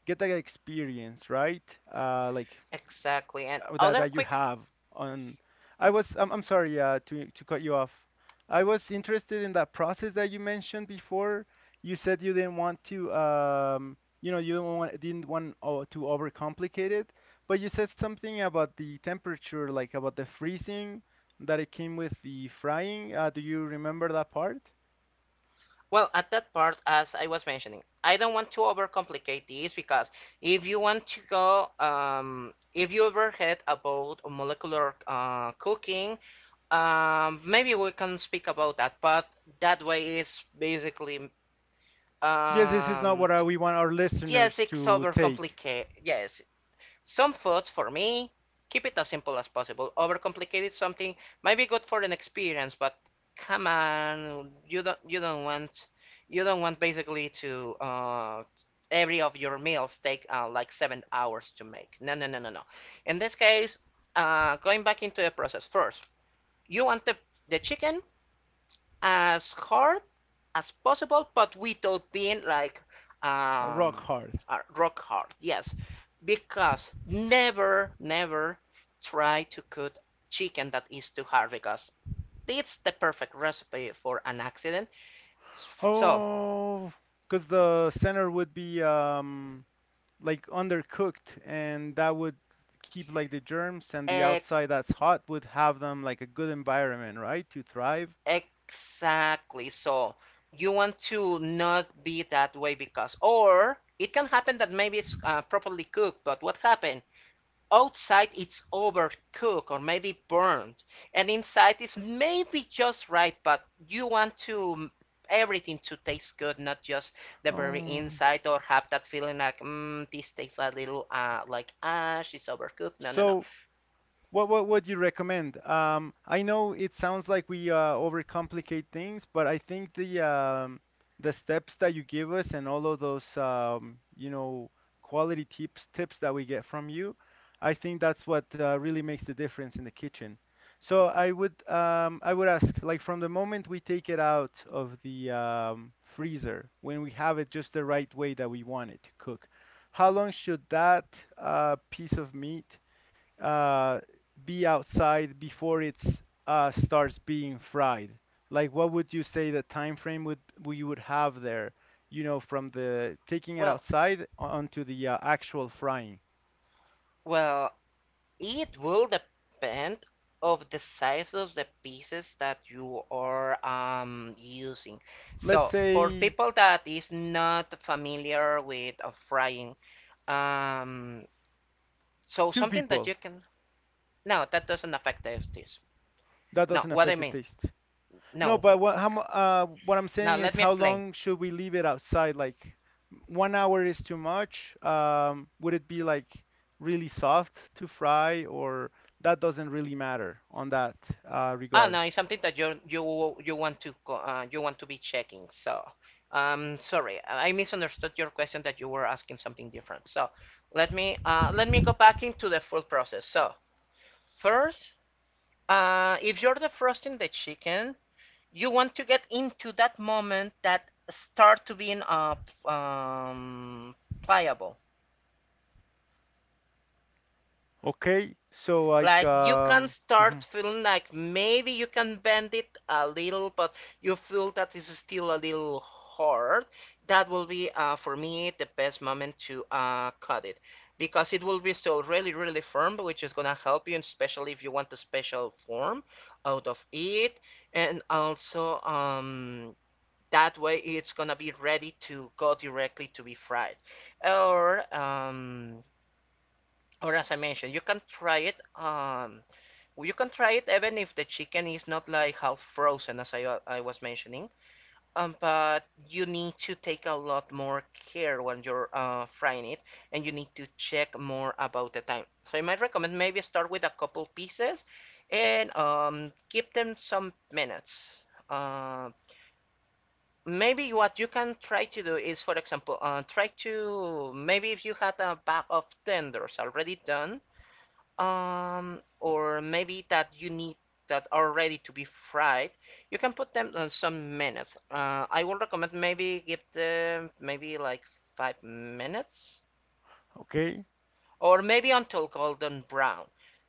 [SPEAKER 2] get that experience, right? Uh, like
[SPEAKER 1] Exactly. And
[SPEAKER 2] that
[SPEAKER 1] other
[SPEAKER 2] that you
[SPEAKER 1] quick
[SPEAKER 2] have on I'm sorry to cut you off. I was interested in that process that you mentioned before. You said you didn't want to you don't want, didn't want to overcomplicate it, but you said something about the temperature, like about the freezing that it came with the frying. Do you remember that part?
[SPEAKER 1] well, at that part, as I was mentioning, I don't want to overcomplicate this because if you want to go, if you ever heard about molecular cooking, maybe we can speak about that. But that way is basically,
[SPEAKER 2] Yes, this is not
[SPEAKER 1] um,
[SPEAKER 2] what
[SPEAKER 1] t-
[SPEAKER 2] we want our
[SPEAKER 1] yes,
[SPEAKER 2] listeners
[SPEAKER 1] it's
[SPEAKER 2] to take.
[SPEAKER 1] overcomplicate. Yes, some foods, for me, keep it as simple as possible. Overcomplicated something might be good for an experience, but come on, you don't you don't want basically to every of your meals take like 7 hours to make. No, no, no, no, no. In this case, going back into the process first, you want the chicken as hard as possible, but without being like
[SPEAKER 2] Uh, rock
[SPEAKER 1] um,
[SPEAKER 2] hard.
[SPEAKER 1] rock hard. Yes, because never, never try to cook chicken that is too hard because it's the perfect recipe for an accident. So,
[SPEAKER 2] Oh, because the center would be like undercooked, and that would keep like the germs, and the outside
[SPEAKER 1] ex-
[SPEAKER 2] that's hot would have them like a good environment, right, to thrive.
[SPEAKER 1] exactly. So, you want to not be that way because, or it can happen that maybe it's properly cooked, but what happened? Outside it's overcooked or maybe burned, and inside it's maybe just right, but you want to everything to taste good, not just the very
[SPEAKER 2] Um,
[SPEAKER 1] inside or have that feeling like, mm, this tastes a little like ash, it's overcooked. No, no, no.
[SPEAKER 2] so what would you recommend? I know it sounds like we overcomplicate things, but I think the steps that you give us and all of those you know quality tips that we get from you, I think that's what really makes the difference in the kitchen. So I would ask like from the moment we take it out of the freezer when we have it just the right way that we want it to cook, how long should that piece of meat uh, be outside before it's starts being fried? Like, what would you say the time frame would we would have there? You know, from the taking it
[SPEAKER 1] Well,
[SPEAKER 2] outside onto the actual frying.
[SPEAKER 1] well, it will depend of the size of the pieces that you are using.
[SPEAKER 2] Let's
[SPEAKER 1] So for
[SPEAKER 2] say
[SPEAKER 1] people that is not familiar with frying, um, so
[SPEAKER 2] two
[SPEAKER 1] something that
[SPEAKER 2] people.
[SPEAKER 1] you can no, that doesn't affect the this.
[SPEAKER 2] That
[SPEAKER 1] No,
[SPEAKER 2] doesn't
[SPEAKER 1] what I
[SPEAKER 2] affect the
[SPEAKER 1] mean,
[SPEAKER 2] taste. No,
[SPEAKER 1] no.
[SPEAKER 2] but what I'm
[SPEAKER 1] Now
[SPEAKER 2] saying is
[SPEAKER 1] let me
[SPEAKER 2] how
[SPEAKER 1] explain.
[SPEAKER 2] long should we leave it outside? Like 1 hour is too much. Would it be like really soft to fry, or that doesn't really matter on that
[SPEAKER 1] Ah,
[SPEAKER 2] regard?
[SPEAKER 1] no, it's something that you want to you want to be checking. So, sorry, I misunderstood your question that you were asking something different. So, let me go back into the full process. So, first, if you're defrosting the chicken, you want to get into that moment that start to being um, pliable.
[SPEAKER 2] Okay, so like
[SPEAKER 1] Like you can
[SPEAKER 2] um
[SPEAKER 1] start
[SPEAKER 2] Mhm,
[SPEAKER 1] feeling like maybe you can bend it a little, but you feel that it's still a little hard. That will be for me the best moment to cut it because it will be still really, really firm, which is gonna help you, especially if you want a special form out of it. And also, that way it's gonna be ready to go directly to be fried. Or, um, or as I mentioned, you can try it. You can try it even if the chicken is not like half frozen, as I was mentioning. But you need to take a lot more care when you're frying it, and you need to check more about the time. So I might recommend maybe start with a couple pieces, and give them some minutes. Uh, maybe what you can try to do is, for example, try to maybe if you had a bag of tenders already done or maybe that you need that are ready to be fried, you can put them on some minutes. I would recommend maybe give them maybe like 5 minutes
[SPEAKER 2] okay,
[SPEAKER 1] or maybe until golden brown.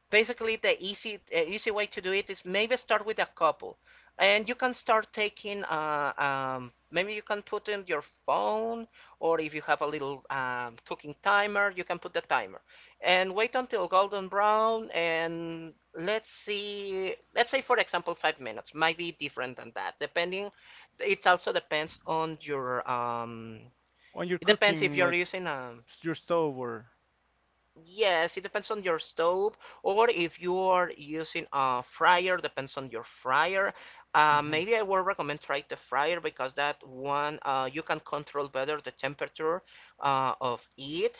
[SPEAKER 1] Basically, the easy easy way to do it is maybe start with a couple, and you can start taking maybe you can put in your phone or if you have a little cooking timer, you can put the timer and wait until golden brown and let's see let's say for example 5 minutes might be different than that depending it also depends on your
[SPEAKER 2] when you're
[SPEAKER 1] it depends if
[SPEAKER 2] cooking
[SPEAKER 1] you're
[SPEAKER 2] like
[SPEAKER 1] using a
[SPEAKER 2] your stove or
[SPEAKER 1] yes, it depends on your stove, or if you are using a fryer, depends on your fryer.
[SPEAKER 2] mhm.
[SPEAKER 1] Maybe I would recommend try the fryer because that one you can control better the temperature of it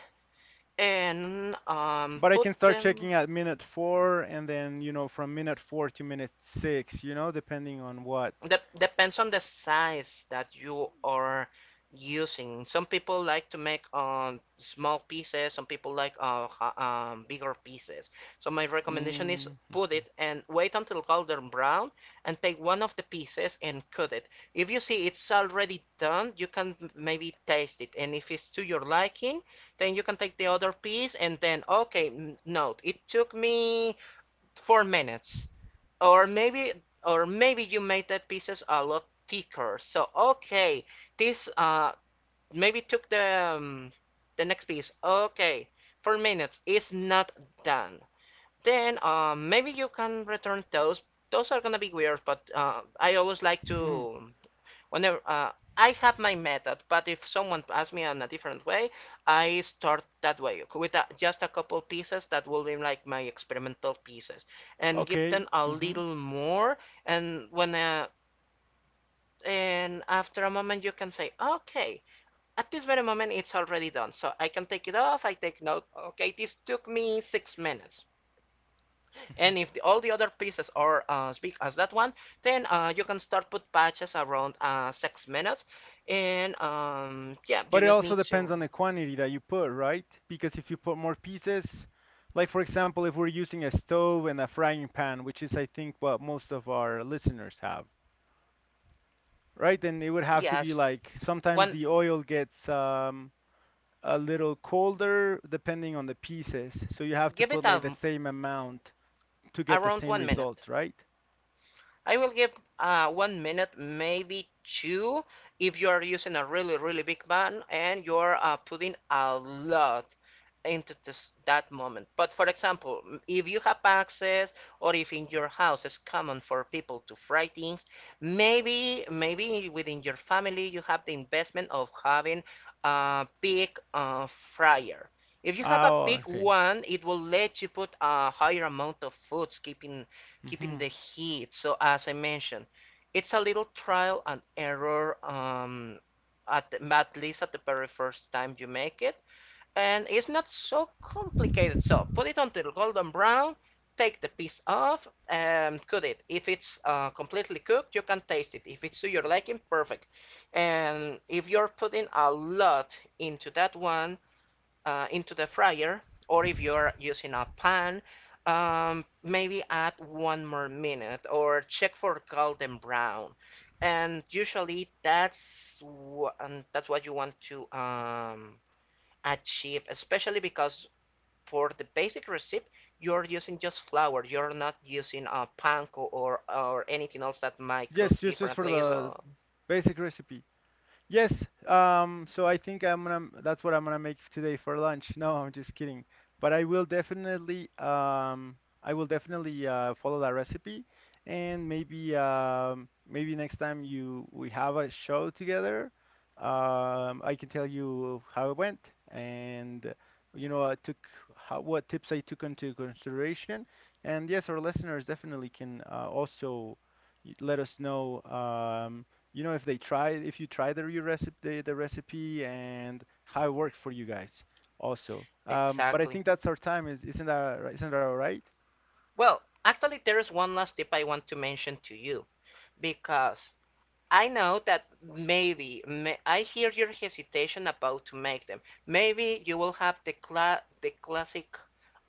[SPEAKER 1] and
[SPEAKER 2] But I
[SPEAKER 1] put
[SPEAKER 2] can start
[SPEAKER 1] them.
[SPEAKER 2] checking at minute four and then, you know, from minute four to minute six, you know, depending on what.
[SPEAKER 1] Depends on the size that you are using. Some people like to make small pieces. Some people like bigger pieces. So my recommendation is put
[SPEAKER 2] Mm-hmm.
[SPEAKER 1] it and wait until golden brown and take one of the pieces and cut it. If you see it's already done, you can maybe taste it. And if it's to your liking, then you can take the other piece and then okay, note it took me 4 minutes. Or maybe, or maybe you made the pieces a lot thicker. So okay, this maybe took the next piece. Okay, 4 minutes is not done. Then maybe you can return those. Those are gonna be weird, but I always like to whenever I have my method, but if someone asks me on a different way, I start that way with a, just a couple pieces that will be like my experimental pieces, and give
[SPEAKER 2] Okay.
[SPEAKER 1] them a
[SPEAKER 2] Hmm.
[SPEAKER 1] little more. And when and after a moment, you can say, okay, at this very moment, it's already done. So I can take it off. I take note. Okay, this took me 6 minutes.
[SPEAKER 2] Hmm.
[SPEAKER 1] And if the, all the other pieces are as big as that one, then you can start put patches around 6 minutes. And yeah, you
[SPEAKER 2] But it
[SPEAKER 1] just need
[SPEAKER 2] also
[SPEAKER 1] to
[SPEAKER 2] depends on the quantity that you put, right? Because if you put more pieces, like for example, if we're using a stove and a frying pan, which is I think what most of our listeners have, right? Then it would have to be
[SPEAKER 1] yes,
[SPEAKER 2] like sometimes
[SPEAKER 1] one
[SPEAKER 2] the oil gets a little colder depending on the pieces. So you have to
[SPEAKER 1] give it
[SPEAKER 2] put like the same amount to get the
[SPEAKER 1] around
[SPEAKER 2] same
[SPEAKER 1] 1 minute.
[SPEAKER 2] results, right?
[SPEAKER 1] I will give 1 minute, maybe two, if you are using a really, really big pan and you're putting a lot into this, that moment. But for example, if you have access or if in your house it's common for people to fry things, maybe within your family you have the investment of having a big fryer. If you have a
[SPEAKER 2] Oh,
[SPEAKER 1] big
[SPEAKER 2] okay.
[SPEAKER 1] one, it will let you put a higher amount of foods, keeping
[SPEAKER 2] Hmm.
[SPEAKER 1] the heat. So as I mentioned, it's a little trial and error at at least at the very first time you make it, and it's not so complicated. So put it until golden brown. Take the piece off and cook it. If it's completely cooked, you can taste it. If it's to your liking, perfect. And if you're putting a lot into that one, into the fryer, or if you're using a pan, maybe add one more minute or check for golden brown. And usually that's what you want to achieve, especially because for the basic recipe you're using just flour. You're not using a panko or anything else that might cook
[SPEAKER 2] Yes, just for
[SPEAKER 1] differently.
[SPEAKER 2] the
[SPEAKER 1] So
[SPEAKER 2] basic recipe. Yes, so I think I'm gonna, that's what I'm gonna make today for lunch. No, I'm just kidding. But I will definitely follow that recipe, and maybe, maybe next time you we have a show together, I can tell you how it went, and you know, I took how, what tips I took into consideration, and yes, our listeners definitely can also let us know. If they try if you try recipe the recipe and how it worked for you guys also. But I
[SPEAKER 1] exactly.
[SPEAKER 2] think that's our time. Is isn't that ri- Isn't that all right?
[SPEAKER 1] Well, actually, there is one last tip I want to mention to you because I know that I hear your hesitation about to make them. Maybe you will have the classic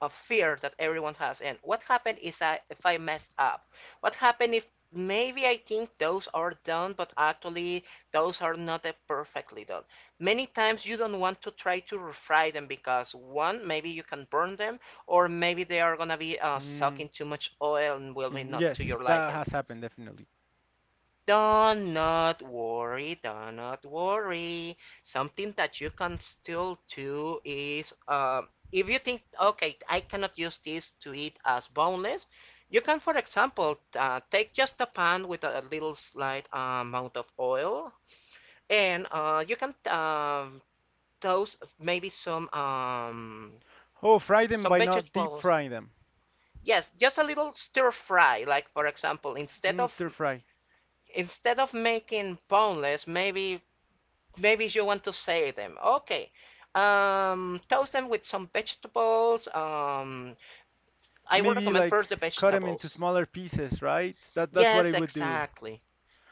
[SPEAKER 1] of fear that everyone has. And what happened is I if I messed up? What happened if maybe I think those are done, but actually those are not perfectly done. Many times you don't want to try to refry them because one, maybe you can burn them, or maybe they are gonna be
[SPEAKER 2] Mm,
[SPEAKER 1] sucking too much oil and will be
[SPEAKER 2] mhm,
[SPEAKER 1] not to
[SPEAKER 2] yes,
[SPEAKER 1] your
[SPEAKER 2] that
[SPEAKER 1] liking.
[SPEAKER 2] has happened definitely.
[SPEAKER 1] Do not worry, do not worry. Something that you can still do is if you think, okay, I cannot use this to eat as boneless, you can, for example, take just a pan with a little slight amount of oil, and you can toast maybe some
[SPEAKER 2] Oh, fry them
[SPEAKER 1] some
[SPEAKER 2] by not deep
[SPEAKER 1] vegetables.
[SPEAKER 2] frying them.
[SPEAKER 1] Yes, just a little stir fry. Like for example, instead
[SPEAKER 2] Mm,
[SPEAKER 1] of
[SPEAKER 2] stir fry.
[SPEAKER 1] instead of making boneless, maybe you want to save them. Okay. Toast them with some vegetables. I will
[SPEAKER 2] Maybe
[SPEAKER 1] recommend
[SPEAKER 2] like
[SPEAKER 1] first the
[SPEAKER 2] cut them into
[SPEAKER 1] vegetables.
[SPEAKER 2] smaller pieces, right? That that's what
[SPEAKER 1] Yes,
[SPEAKER 2] I would do.
[SPEAKER 1] exactly.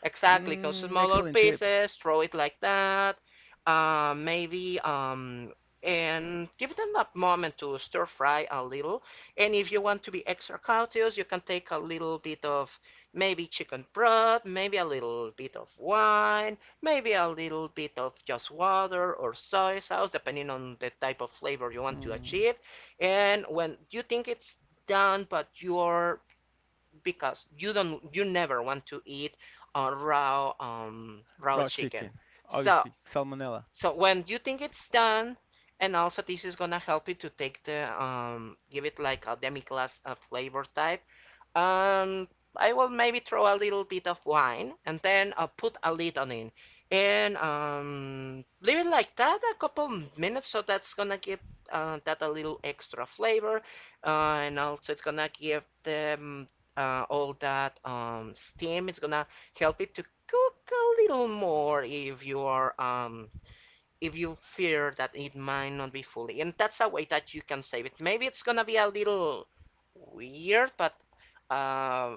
[SPEAKER 1] Exactly, cut
[SPEAKER 2] Mm,
[SPEAKER 1] smaller
[SPEAKER 2] excellent tip.
[SPEAKER 1] pieces, throw it like that. Maybe And give them that moment to stir fry a little. And if you want to be extra cautious, you can take a little bit of maybe chicken broth, maybe a little bit of wine, maybe a little bit of just water or soy sauce, depending on the type of flavor you want to
[SPEAKER 2] Mm,
[SPEAKER 1] achieve. And when you think it's done, but you're because you never want to eat raw
[SPEAKER 2] raw
[SPEAKER 1] chicken.
[SPEAKER 2] chicken.
[SPEAKER 1] So
[SPEAKER 2] Obviously salmonella.
[SPEAKER 1] so when you think it's done, and also this is gonna help you to take the give it like a demi glace flavor type. Um, I will maybe throw a little bit of wine and then put a lid on it and leave it like that a couple minutes. So that's gonna give that a little extra flavor, and also it's gonna give them all that steam. It's gonna help it to cook a little more if you are if you fear that it might not be fully. And that's a way that you can save it. Maybe it's gonna be a little weird, but uh,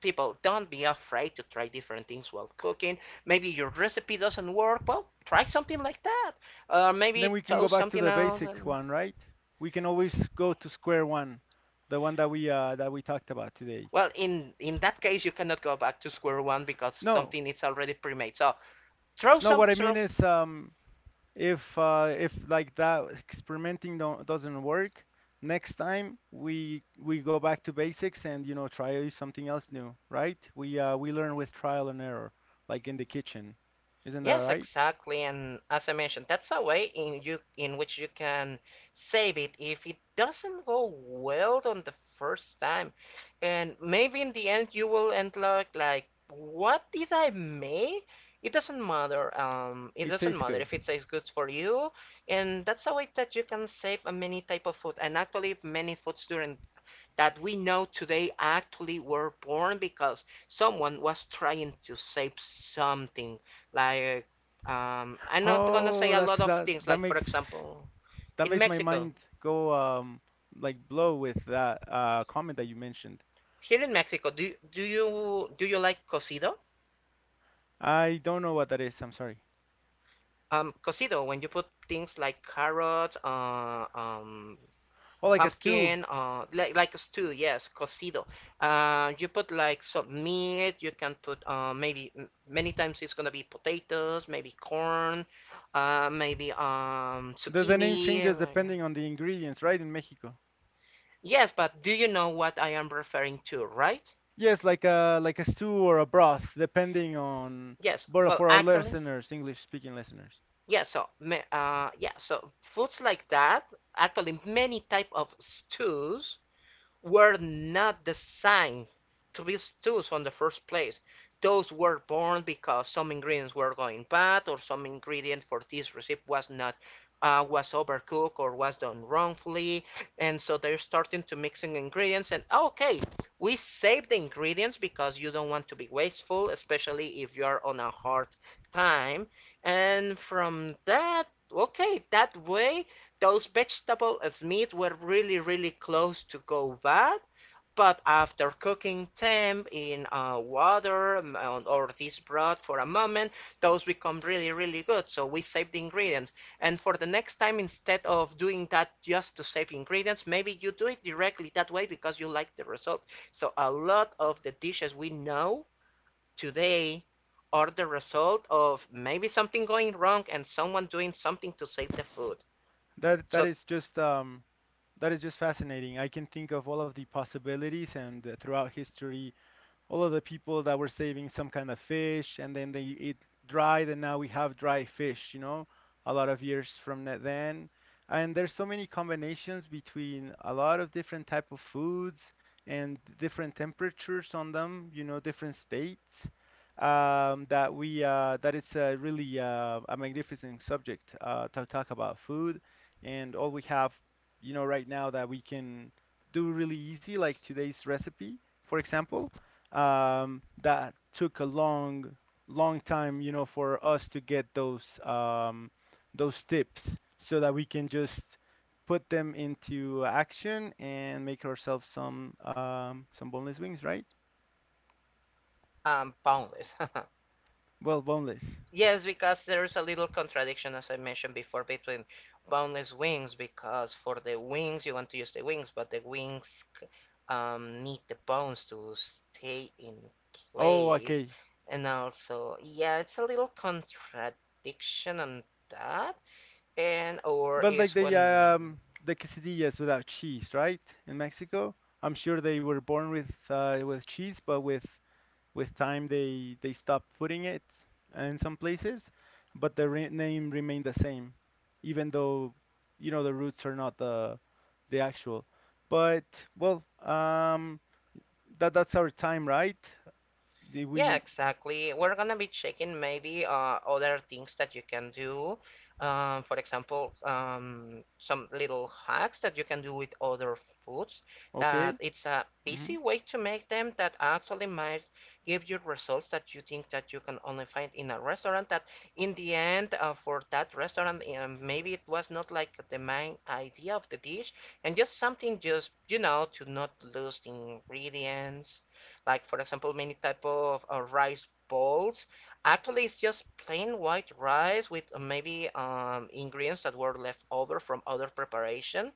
[SPEAKER 1] people, don't be afraid to try different things while cooking. Maybe your recipe doesn't work. Well, try something like that. Or
[SPEAKER 2] And then
[SPEAKER 1] maybe
[SPEAKER 2] we can go
[SPEAKER 1] toast
[SPEAKER 2] back to
[SPEAKER 1] something
[SPEAKER 2] the
[SPEAKER 1] else.
[SPEAKER 2] basic
[SPEAKER 1] And
[SPEAKER 2] one, right? We can always go to square one, the one that we talked about today.
[SPEAKER 1] well, in that
[SPEAKER 2] Eh,
[SPEAKER 1] case, you cannot go back to square one because
[SPEAKER 2] no,
[SPEAKER 1] something is already pre-made. So throw
[SPEAKER 2] no.
[SPEAKER 1] some
[SPEAKER 2] What I mean
[SPEAKER 1] throw
[SPEAKER 2] is, if like that experimenting don't, doesn't work, next time we go back to basics, and you know try something else new, right? We learn with trial and error, like in the kitchen. Isn't that
[SPEAKER 1] yes,
[SPEAKER 2] right?
[SPEAKER 1] exactly. And as I mentioned, that's a way in which you can save it if it doesn't go well on the first time. And maybe in the end you will end up like, what did I make? It doesn't matter. It
[SPEAKER 2] It
[SPEAKER 1] doesn't
[SPEAKER 2] tastes
[SPEAKER 1] matter
[SPEAKER 2] good.
[SPEAKER 1] if it tastes good for you. And that's a way that you can save many type of food and actually many foods during that we know today actually were born because someone was trying to save something. Like, I'm not gonna say
[SPEAKER 2] Oh,
[SPEAKER 1] a
[SPEAKER 2] that's
[SPEAKER 1] lot of
[SPEAKER 2] that.
[SPEAKER 1] things.
[SPEAKER 2] That
[SPEAKER 1] Like, for
[SPEAKER 2] makes
[SPEAKER 1] example,
[SPEAKER 2] that
[SPEAKER 1] in
[SPEAKER 2] makes my
[SPEAKER 1] Mexico,
[SPEAKER 2] mind go like blow with that comment that you mentioned.
[SPEAKER 1] here in Mexico, do you like cocido?
[SPEAKER 2] I don't know what that is. I'm sorry.
[SPEAKER 1] Cocido, when you put things like carrot,
[SPEAKER 2] Oh, like a stew.
[SPEAKER 1] pumpkin, like a stew, yes, cocido. You put like some meat, you can put maybe many times it's gonna be potatoes, maybe corn, maybe
[SPEAKER 2] The name
[SPEAKER 1] zucchini,
[SPEAKER 2] changes depending on the ingredients, right? In Mexico.
[SPEAKER 1] yes, but do you know what I am referring to, right?
[SPEAKER 2] Yes, like a stew or a broth, depending on.
[SPEAKER 1] Yes,
[SPEAKER 2] But
[SPEAKER 1] well
[SPEAKER 2] for our
[SPEAKER 1] actually
[SPEAKER 2] listeners, English speaking listeners,
[SPEAKER 1] yes, yeah, so yeah, so foods like that, actually many type of stews were not designed to be stews on the first place. Those were born because some ingredients were going bad or some ingredient for this recipe was not was overcooked or was done wrongfully. And so they're starting to mixing ingredients and okay, we save the ingredients because you don't want to be wasteful, especially if you're on a hard time. And from that, okay, that way those vegetable and meat were really, really close to go bad, but after cooking them in water, or this broth for a moment, those become really, really good. So we save the ingredients. And for the next time, instead of doing that just to save ingredients, maybe you do it directly that way because you like the result. So a lot of the dishes we know today are the result of maybe something going wrong and someone doing something to save the food.
[SPEAKER 2] that that
[SPEAKER 1] So
[SPEAKER 2] is just um that is just fascinating. I can think of all of the possibilities and throughout history all of the people that were saving some kind of fish and then they eat dried, and now we have dry fish, you know, a lot of years from that then, and there's so many combinations between a lot of different type of foods and different temperatures on them, you know, different states, that we that it's really a magnificent subject to talk about food and all we have you know right now that we can do really easy like today's recipe, for example, that took a long, long time, you know, for us to get those tips so that we can just put them into action and make ourselves some boneless wings, right?
[SPEAKER 1] Boundless.
[SPEAKER 2] Well, boneless.
[SPEAKER 1] Yes, because there's a little contradiction, as I mentioned before, between boundless wings, because for the wings, you want to use the wings, but need the bones to stay in
[SPEAKER 2] Oh,
[SPEAKER 1] place.
[SPEAKER 2] okay.
[SPEAKER 1] And also, yeah, it's a little contradiction on that. And, or
[SPEAKER 2] But like
[SPEAKER 1] is when.
[SPEAKER 2] the quesadillas without cheese, right? In Mexico, I'm sure they were born with cheese, but with time, they stopped putting it in some places, but the re name remained the same, even though you know the roots are not the the actual. But well, that that's our time, right? Did
[SPEAKER 1] Yeah,
[SPEAKER 2] we.
[SPEAKER 1] exactly. We're gonna be checking maybe other things that you can do. For example, some little hacks that you can do with other foods that
[SPEAKER 2] Okay?
[SPEAKER 1] it's a
[SPEAKER 2] Hmm.
[SPEAKER 1] easy way to make them that actually might give you results that you think that you can only find in a restaurant that in the end for that restaurant, maybe it was not like the main idea of the dish, and just something just, you know, to not lose the ingredients. Like, for example, many type of rice balls, actually it's just plain white rice with maybe ingredients that were left over from other preparation.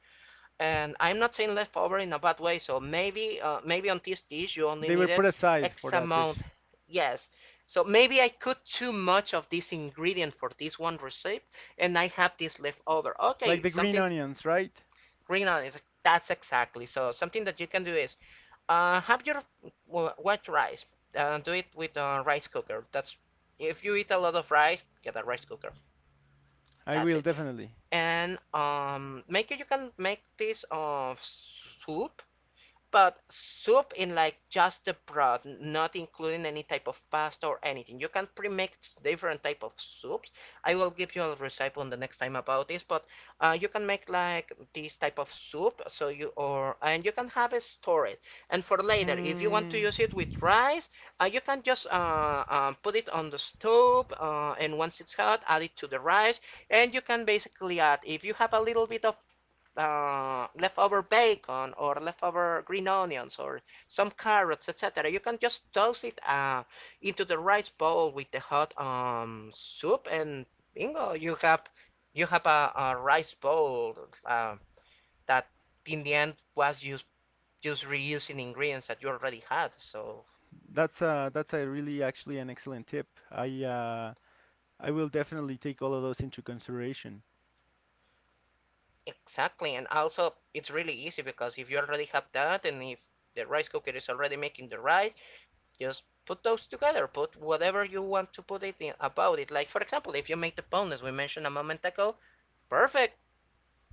[SPEAKER 1] And I'm not saying left over in a bad way. So maybe maybe on this dish you only
[SPEAKER 2] They were put
[SPEAKER 1] needed
[SPEAKER 2] aside for
[SPEAKER 1] x
[SPEAKER 2] that dish,
[SPEAKER 1] amount, yes. So maybe I cooked too much of this ingredient for this one recipe, and I have this left over,
[SPEAKER 2] like
[SPEAKER 1] okay,
[SPEAKER 2] the green
[SPEAKER 1] something.
[SPEAKER 2] onions, right?
[SPEAKER 1] Rina is, that's exactly. So something that you can do is have your white rice. Do it with a rice cooker. That's, if you eat a lot of rice, get a rice cooker.
[SPEAKER 2] I
[SPEAKER 1] That's
[SPEAKER 2] will
[SPEAKER 1] it.
[SPEAKER 2] definitely.
[SPEAKER 1] And make it. You can make this of soup, but soup in like just the broth, not including any type of pasta or anything. You can pre-make different type of soups. I will give you a recipe on the next time about this, but you can make like this type of soup. So you, or and you can have it stored. And for later, if you want to
[SPEAKER 2] Hmm.
[SPEAKER 1] use it with rice, you can just put it on the stove, and once it's hot, add it to the rice. And you can basically add, if you have a little bit of leftover bacon or leftover green onions or some carrots, etc. You can just toss it into the rice bowl with the hot soup, and bingo, you have a rice bowl uh, that in the end was used just reusing ingredients that you already had. So
[SPEAKER 2] That's a really actually an excellent tip. I will definitely take all of those into consideration.
[SPEAKER 1] exactly, and also it's really easy because if you already have that, and if the rice cooker is already making the rice, just put those together. Put whatever you want to put it in about it. Like for example, if you make the bone as we mentioned a moment ago, perfect.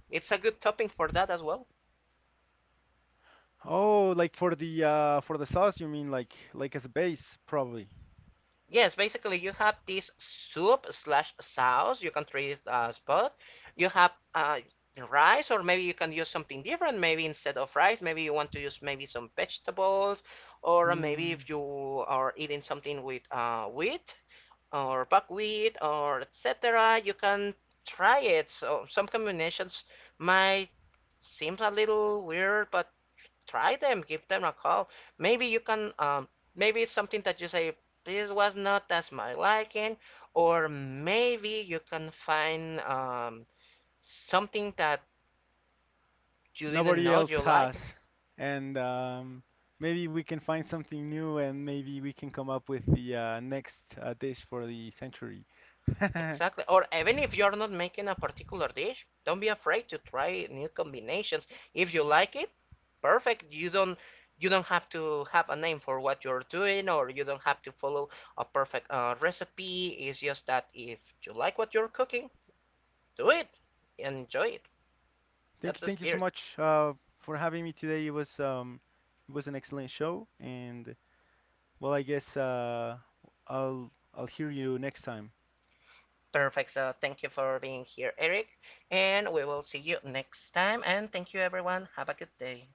[SPEAKER 1] It's a good topping for that as well.
[SPEAKER 2] Oh, like for the sauce, you mean like as a base, probably.
[SPEAKER 1] Yes, basically you have this soup slash sauce. You can treat it as both. You have rice, or maybe you can use something different. Maybe instead of rice, maybe you want to use maybe some vegetables, or maybe
[SPEAKER 2] Hmm.
[SPEAKER 1] if you are eating something with wheat, or buckwheat or etc. You can try it. So some combinations might seem a little weird, but try them. Give them a call. Maybe you can. Maybe it's something that you say this was not as my liking, or maybe you can find something that you didn't
[SPEAKER 2] Nobody
[SPEAKER 1] know
[SPEAKER 2] else
[SPEAKER 1] you
[SPEAKER 2] has.
[SPEAKER 1] liked.
[SPEAKER 2] And maybe we can find something new, and maybe we can come up with the next dish for the century.
[SPEAKER 1] Exactly. Or even if you're not making a particular dish, don't be afraid to try new combinations. If you like it, perfect. You don't, you don't have to have a name for what you're doing, or you don't have to follow a perfect recipe. It's just that if you like what you're cooking, do it. Enjoy it. That's the
[SPEAKER 2] Thank you so
[SPEAKER 1] spirit.
[SPEAKER 2] much for having me today. It was an excellent show, and well, I guess I'll hear you next time.
[SPEAKER 1] Perfect. So thank you for being here, Eric. And we will see you next time. And thank you, everyone. Have a good day.